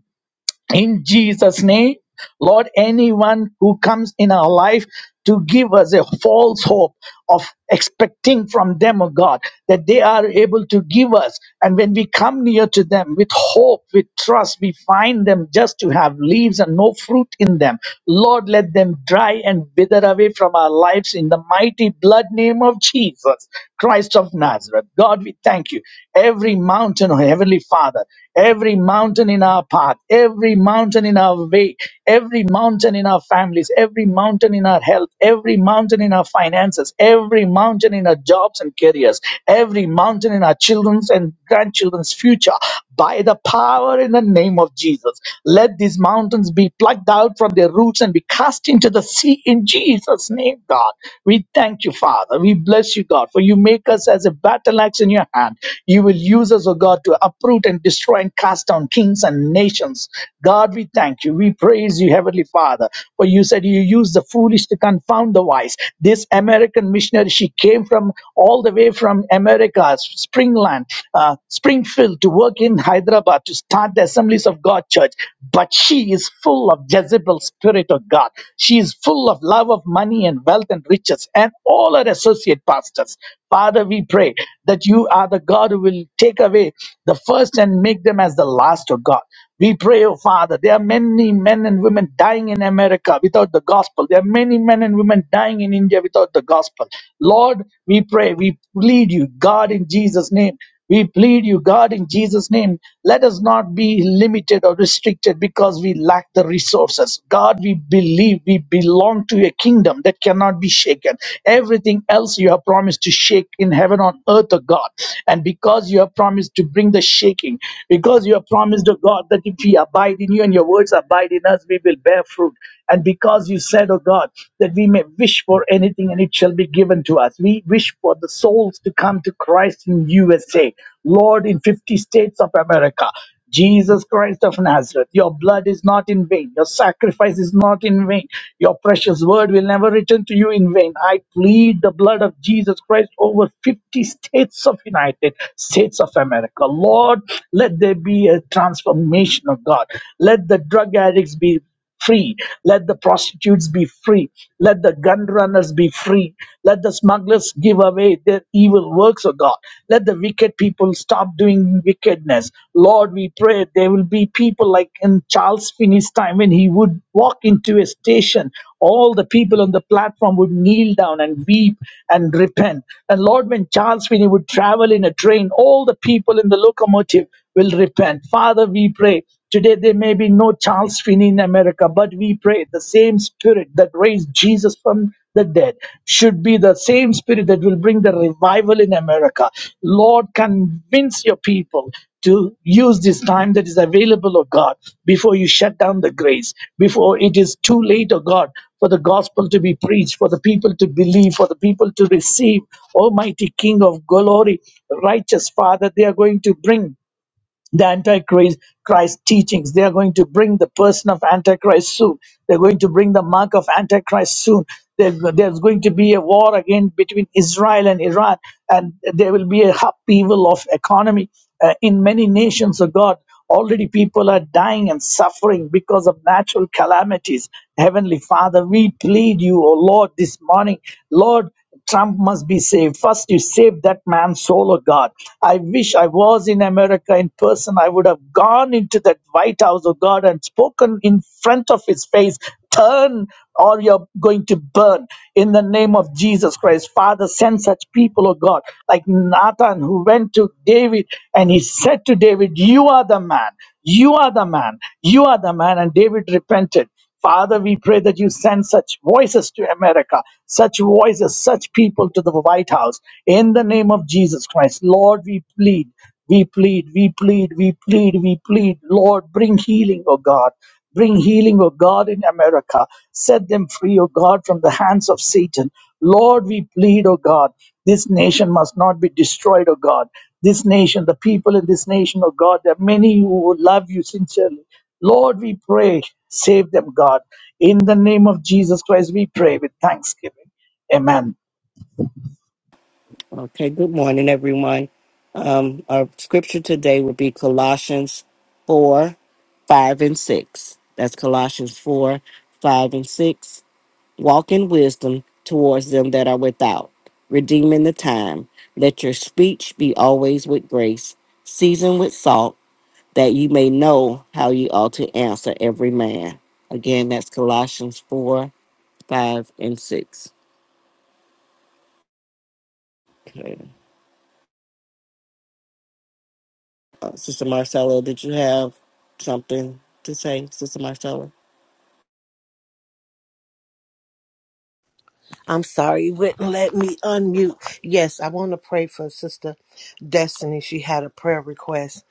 in Jesus' name. Lord, anyone who comes in our life to give us a false hope of expecting from them, oh God, that they are able to give us. And when we come near to them with hope, with trust, we find them just to have leaves and no fruit in them. Lord, let them dry and wither away from our lives in the mighty blood name of Jesus, Christ of Nazareth. God, we thank you. Every mountain, oh Heavenly Father, every mountain in our path, every mountain in our way, every mountain in our families, every mountain in our health, every mountain in our finances, every mountain in our jobs and careers, every mountain in our children's and grandchildren's future. By the power in the name of Jesus, let these mountains be plucked out from their roots and be cast into the sea in Jesus' name, God. We thank you, Father. We bless you, God, for you make us as a battle axe in your hand. You will use us, O God, to uproot and destroy destroy and cast down kings and nations. God, we thank you. We praise you, Heavenly Father, for you said you use the foolish to confound the wise. This American missionary, she came from all the way from America, Springland, uh, Springfield, to work in Hyderabad to start the Assemblies of God Church. But she is full of Jezebel spirit of God. She is full of love of money and wealth and riches and all her associate pastors. Father, we pray that you are the God who will take away the first and major and make them as the last of God. We pray, oh Father, there are many men and women dying in America without the gospel. There are many men and women dying in India without the gospel. Lord, we pray, we plead you, God, in Jesus' name. We plead you, God, in Jesus' name. Let us not be limited or restricted because we lack the resources. God, we believe we belong to a kingdom that cannot be shaken. Everything else you have promised to shake in heaven on earth, O God. And because you have promised to bring the shaking, because you have promised to God that if we abide in you and your words abide in us, we will bear fruit. And because you said, oh God, that we may wish for anything and it shall be given to us. We wish for the souls to come to Christ in USA, Lord, in 50 states of America. Jesus Christ of Nazareth, your blood is not in vain. Your sacrifice is not in vain. Your precious word will never return to you in vain. I plead the blood of Jesus Christ over 50 states of United States of America. Lord, let there be a transformation of God. Let the drug addicts be free. Let the prostitutes be free. Let the gun runners be free. Let the smugglers give away their evil works, O God. Let the wicked people stop doing wickedness. Lord, we pray there will be people like in Charles Finney's time when he would walk into a station. All the people on the platform would kneel down and weep and repent. And Lord, when Charles Finney would travel in a train, all the people in the locomotive will repent. Father, we pray Today, there may be no Charles Finney in America, but we pray the same spirit that raised Jesus from the dead should be the same spirit that will bring the revival in America. Lord, convince your people to use this time that is available, oh God, before you shut down the grace, before it is too late, oh God, for the gospel to be preached, for the people to believe, for the people to receive. Almighty King of glory, righteous Father, they are going to bring the antichrist Christ teachings they are going to bring the person of antichrist soon they're going to bring the mark of antichrist soon there, there's going to be a war again between israel and iran and there will be a upheaval of economy uh, in many nations of god already people are dying and suffering because of natural calamities heavenly father we plead you O lord this morning lord Trump must be saved. First, you save that man's soul, oh God. I wish I was in America in person. I would have gone into that White House, oh God, and spoken in front of his face. Turn or you're going to burn in the name of Jesus Christ. Father, send such people, oh God, like Nathan who went to David and he said to David, You are the man. You are the man. You are the man. And David repented. Father, we pray that you send such voices to America, such voices, such people to the White House. In the name of Jesus Christ, Lord, we plead, we plead, we plead, we plead, we plead. Lord, bring healing, O God. Bring healing, O God, in America. Set them free, O God, from the hands of Satan. Lord, we plead, O God. This nation must not be destroyed, O God. This nation, the people in this nation, O God, there are many who love you sincerely Lord, we pray, save them, God. In the name of Jesus Christ, we pray with thanksgiving. Amen.
Okay, good morning, everyone. Um, our scripture today will be Colossians 4 5 and 6. That's Colossians 4 5 and 6. Walk in wisdom towards them that are without, redeeming the time. Let your speech be always with grace, seasoned with salt, that you may know how you ought to answer every man. Again, that's Colossians 4 5 and 6. Okay. Uh, Sister Marcella, did you have something to say, Sister Marcella?
I'm sorry, it wouldn't let me unmute. Yes, I want to pray for Sister Destiny. She had a prayer request.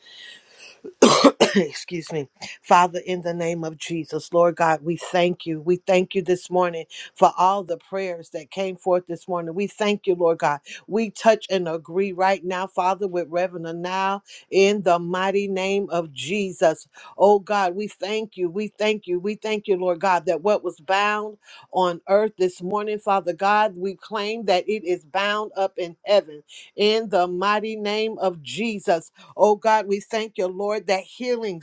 excuse me father in the name of jesus lord god we thank you we thank you this morning for all the prayers that came forth this morning we thank you lord god we touch and agree right now father with reverend now in the mighty name of jesus oh god we thank you we thank you we thank you lord god that what was bound on earth this morning father god we claim that it is bound up in heaven in the mighty name of jesus Oh God, we thank you, Lord, that healing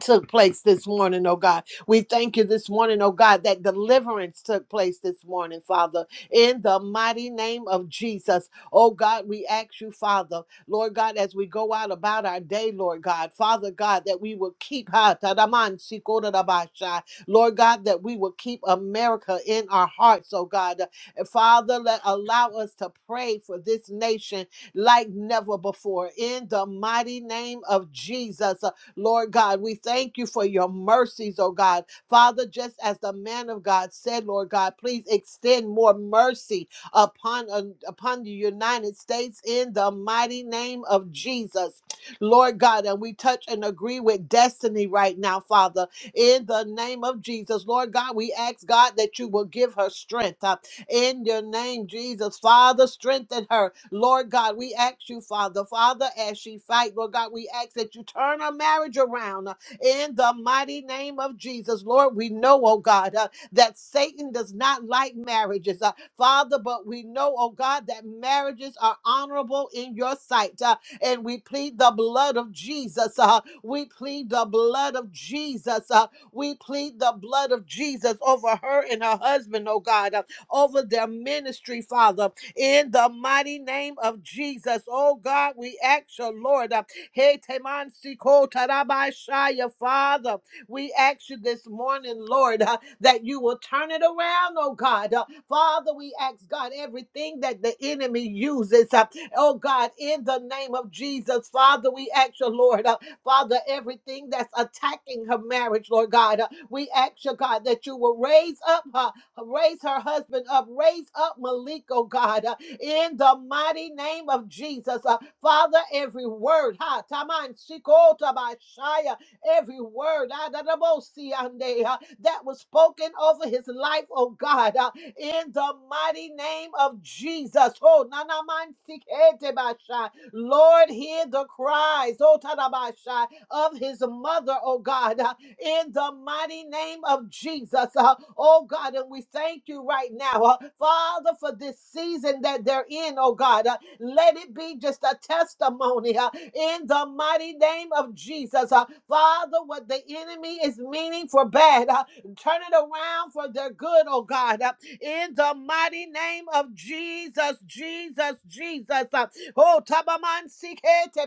took place this morning, oh God. We thank you this morning, oh God, that deliverance took place this morning, Father, in the mighty name of Jesus. Oh God, we ask you, Father, Lord God, as we go out about our day, Lord God, Father God, that we will keep, Ha, tadaman, sikodadabasha. Lord God, that we will keep America in our hearts, oh God. And Father, let allow us to pray for this nation like never before in the mighty name of Jesus. Lord God. We thank you for your mercies, oh God. Father, just as the man of God said, Lord God, please extend more mercy upon, uh, upon the United States in the mighty name of Jesus. Lord God, and we touch and agree with destiny right now, Father, in the name of Jesus. Lord God, we ask God that you will give her strength. Uh, in your name, Jesus. Father, strengthen her. Lord God, we ask you, Father, Father, as she fight, Lord God, we ask that you turn her marriage around uh, in the mighty name of Jesus. Lord, we know, oh God, uh, that Satan does not like marriages, uh, Father, but we know, oh God, that marriages are honorable in your sight. uh, and we plead the blood of Jesus. uh, we plead the blood of Jesus. uh, we plead the blood of Jesus over her and her husband, oh God. Uh, over their ministry, Father, in the mighty name of Jesus. Oh God, we ask you, Lord, uh, hey, Teman Siko Tarabai Shaya, Father, we ask you this morning, Lord, uh, that you will turn it around, oh God. Uh, Father, we ask God everything that the enemy uses, uh, oh God, in the name of Jesus, Father, we ask you, Lord, uh, Father, everything that's attacking her marriage, Lord God, uh, we ask you, God, that you will raise up her Raise her husband up. Raise up Malik, oh God, uh, in the mighty name of Jesus. Uh, Father, every word, ha, taman, shikota, bashaya, every word ah, da, da, bo, si, ande, uh, that was spoken over his life, oh God, uh, in the mighty name of Jesus. Oh, na, na, man, sikete, basha. Lord, hear the cries, oh, ta, da, basha, of his mother, oh God. uh, in the mighty name of Jesus. Uh, oh God, and we thank you right now, uh, Father, for this season that they're in, oh God. Uh, let it be just a testimony uh, in the mighty name of Jesus. Uh, Father, what the enemy is meaning for bad, uh, turn it around for their good, oh God. Uh, in the mighty name of Jesus, Jesus, Jesus. Uh, oh, Tabaman Sikete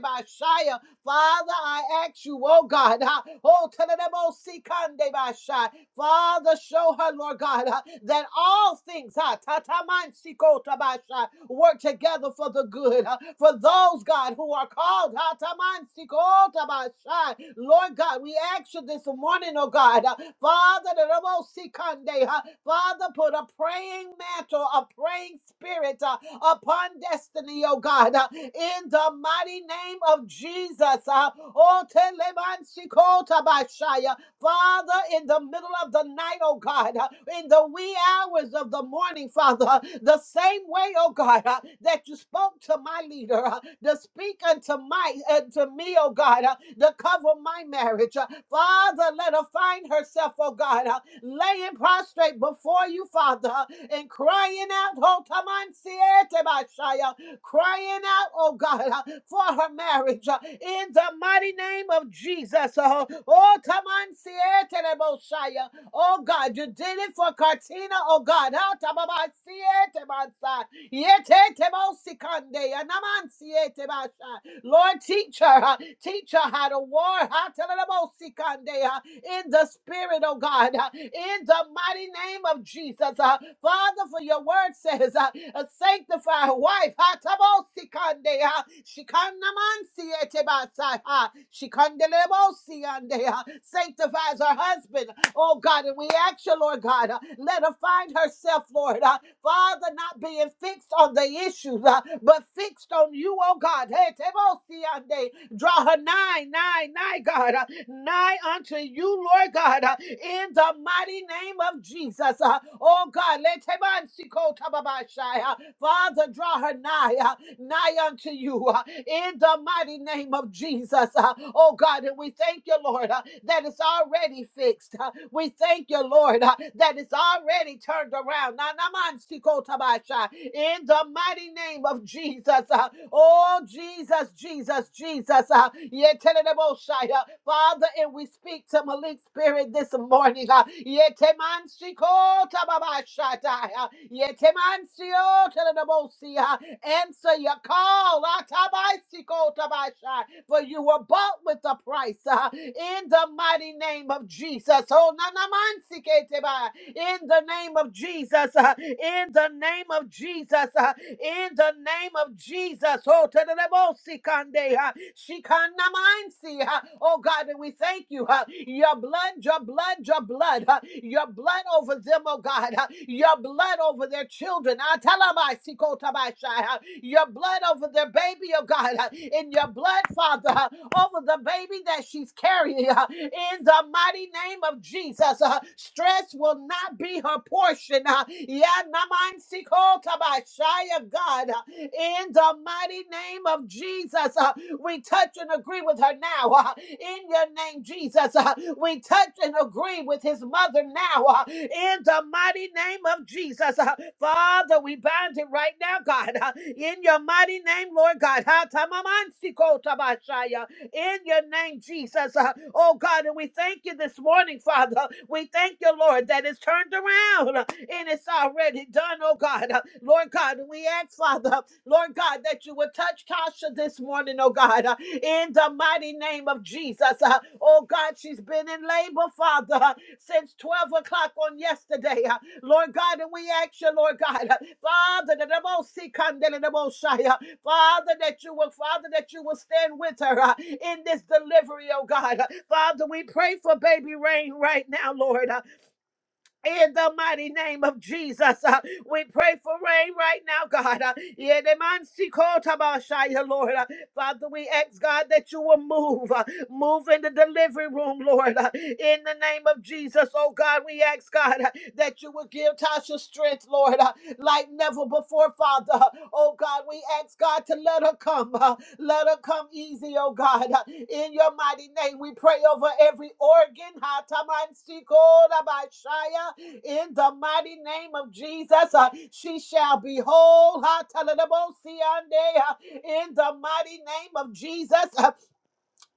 Father, I ask you, oh God, uh, oh, tadadabosikandebasha. Father, show her, Lord God, uh, that all things uh, tatamansikotabasha, work together for the good. uh, For those, God, who are called, uh, tatamansikotobasha. Lord God, we ask you this morning, oh God, uh, Father, tadadabosikande, uh, Father, put a praying mantle, a praying spirit upon destiny, oh God, uh, in the mighty name of Jesus. uh, oh, telemansikota bashaya. Father, in the middle of the night, oh God, uh, in the wee hours of the morning, Father, uh, the same way, oh God, uh, that you spoke to my leader, uh, to speak unto my uh, to me, oh God, uh, to cover my marriage. uh, Father, let her find herself, oh God, uh, laying prostrate before you, Father, uh, and crying out, Ho Taman siete bashaya," crying out, oh God, uh, for her marriage uh, in the mighty name of Jesus. uh, Oh, Taman Siete Boshaya. Oh God, you did it for Cartina, oh God. ah, Tababa Siete Bansa. Yete Tebo Sikande. Anaman Siete Basha. Lord, teach her, huh? teach her how to war, huh? Telelebosikande, huh? in the spirit, oh God, huh? in the mighty name of Jesus. huh? Father, for your word says, uh, uh, sanctify a sanctified wife, huh? Tabosikande, huh? Shikanamansietebasai, huh? Shikandelebosiande, huh? sanctifies her husband, oh God, and we ask you, Lord God, huh? let her find herself yourself, Lord. Uh, Father, not being fixed on the issues, uh, but fixed on you, oh God. Hey, Tebosiande, draw her nigh, nigh, nigh, God, uh, nigh unto you, Lord God, uh, in the mighty name of Jesus. Uh, oh God, let Tebansiko Tababashai, uh, Father, draw her nigh, uh, nigh unto you, uh, in the mighty name of Jesus. Uh, oh God, and we thank thank you, Lord, uh, that it's already fixed. uh, we thank you, Lord, uh, that it's already turned around. Na- na- man, si- In the mighty name of Jesus. uh, oh, Jesus, Jesus, Jesus. Uh, yeah, uh, Father, and we speak to Malik Spirit this morning. Uh, yeah, te- man, si- ko- uh, yeah, si- oh, si, uh, Answer your call. Atabaisikotabashai, For you were bought with a price. uh, In the mighty name of Jesus. Oh, nanamansiketeba, In the name of Jesus. uh, In the name of Jesus. uh, In the name of Jesus. Oh, tadadabosikande, uh, shikanamansi, uh, oh God, and we thank you. uh, Your blood, your blood, your blood. God. Uh, Your blood over them, oh God. Uh, Your blood over their children. Ah, talabaisikotabashai. Uh, Your blood over their baby, oh God. Uh, In your blood, Father, uh, over the baby that she's carrying. uh, In the mighty name of Jesus, Uh, stress will not be her portion. Uh, yeah, namansikotabashai, God. Uh, In the mighty name of Jesus, uh, we touch and agree with her now. uh, in your name, Jesus. Uh, we touch and agree with his mother now. uh, in the mighty name of Jesus. Uh, Father, we bind it right now, God. uh, in your mighty name, Lord God. Ha, tamamansi ko tabashaya in your name, Jesus. Uh, Oh God, and we thank you this morning, Father. We thank you, Lord, that it's turned around uh, and it's already done, oh God. Uh, Lord God, and we ask, Father, Lord God, that you would touch Tasha this morning, oh God, uh, in the mighty name of Jesus. Uh, Oh God, she's been in labor, Father, uh, since 12 o'clock on yesterday. Uh, Lord God, and we ask you, Lord God, uh, Father, that the most sick and the most shy. uh, Father, that you will, Father, that you will stand with her uh, in this delivery, oh God. Uh, Father, we pray for baby rain right now, Lord. uh, in the mighty name of Jesus, uh, we pray for rain right now, God. Uh, Yedemansikotaba-shaya, Lord. Uh, Father, we ask God that you will move, uh, move in the delivery room, Lord. Uh, in the name of Jesus, oh God, we ask God uh, that you will give Tasha strength, Lord. uh, like never before, Father. Oh God, we ask God to let her come. uh, Let her come easy, oh God. Uh, In your mighty name, we pray over every organ. Hatamansikotabashaya. In the mighty name of Jesus, uh, she shall be whole. Hatalabosiande. Uh, In the mighty name of Jesus, uh,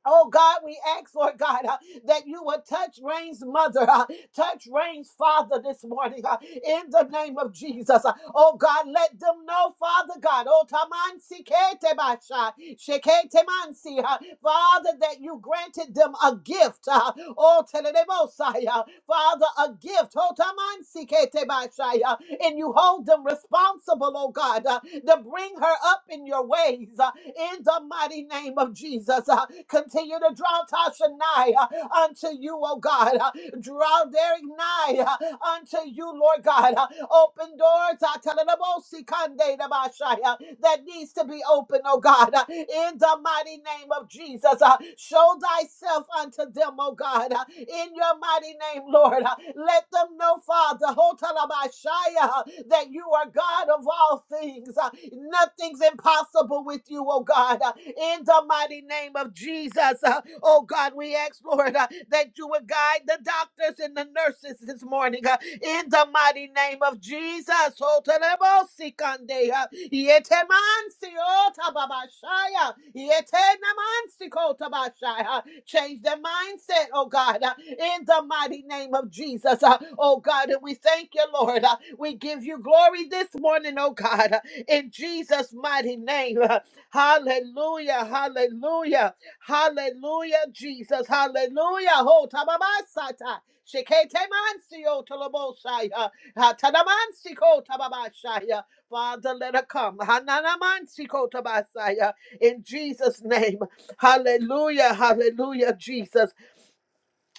Oh God, we ask, Lord God, uh, that you would touch Rain's mother, uh, touch Rain's father this morning uh, in the name of Jesus. Uh, oh God, let them know, Father God, oh Taman Sikete Basha, Shekete Mansi, uh, Father, that you granted them a gift. Uh, oh Telemosai, uh, Father, a gift. Hotamansiketebashaya. And you hold them responsible, oh God, uh, to bring her up in your ways uh, in the mighty name of Jesus. uh, Continue to draw Tasha nigh uh, unto you, oh God. uh, Draw Derek nigh uh, unto you, Lord God. uh, Open doors uh, Talalabosikandetabashaya, that needs to be open, oh God, uh, in the mighty name of Jesus. uh, Show thyself unto them, oh God. God, uh, in your mighty name, Lord. Uh, Let them know, Father, Hotalabashaya, uh, that you are God of all things. Uh, Nothing's impossible with you, oh God. Uh, In the mighty name of Jesus, uh, oh God, we ask, Lord, uh, that you would guide the doctors and the nurses this morning. uh, In the mighty name of Jesus, Hotalabosikande, uh, Yetemansi Otababashaya, Yetenamansi Kotabashaya, Change their mindset, oh God, uh, in the mighty name of Jesus. uh, Oh God, and we thank you, Lord. uh, We give you glory this morning, oh God, uh, in Jesus' mighty name. uh, Hallelujah, hallelujah, hallelujah, Jesus, hallelujah. Ho tababasata. Shekete mansio tolobosaya. Hatanamansiko tababashaya. Father, let her come. Hananamansiko tabasaya. In Jesus' name. Hallelujah, hallelujah, Jesus.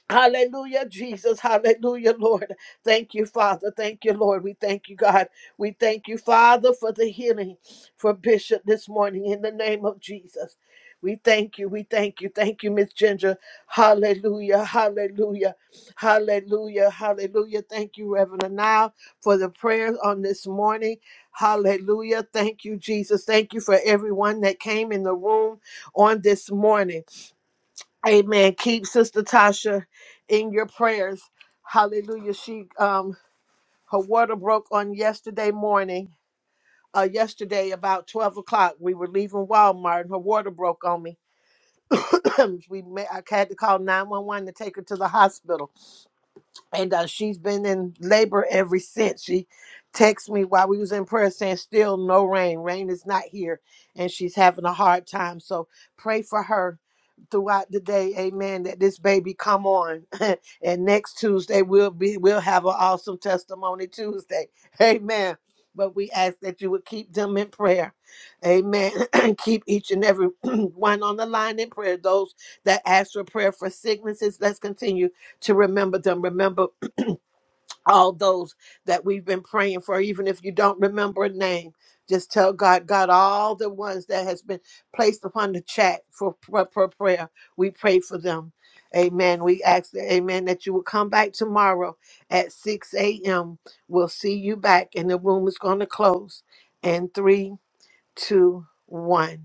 Hallelujah, Jesus. Hallelujah, Lord. Thank you, Father. Thank you, Lord. We thank you, God. We thank you, Father, for the healing for Bishop this morning in the name of Jesus. We thank you. We thank you. Thank you, Miss Ginger. Hallelujah. Hallelujah. Hallelujah. Hallelujah. Thank you, Reverend. Now for the prayers on this morning. Hallelujah. Thank you, Jesus. Thank you for everyone that came in the room on this morning. Amen. Keep Sister Tasha in your prayers. Hallelujah. She um her water broke on yesterday morning. Uh yesterday about 12 o'clock. We were leaving Walmart and her water broke on me. we may, I had to call 911 to take her to the hospital and uh, she's been in labor ever since. She texted me while we was in prayer saying, "Still no rain. Rain is not here, and she's having a hard time. So pray for her throughout the day. Amen. That this baby come on, and next Tuesday we'll be we'll have an awesome testimony Tuesday. Amen." But we ask that you would keep them in prayer. Amen. And keep each and every one on the line in prayer. Those that ask for prayer for sicknesses, let's continue to remember them. Remember all those that we've been praying for, even if you don't remember a name. Just tell God, God, all the ones that has been placed upon the chat for, for, for prayer. We pray for them. Amen. We ask that, amen, that you will come back tomorrow at 6 a.m. We'll see you back, and the room is going to close. And three, two, one.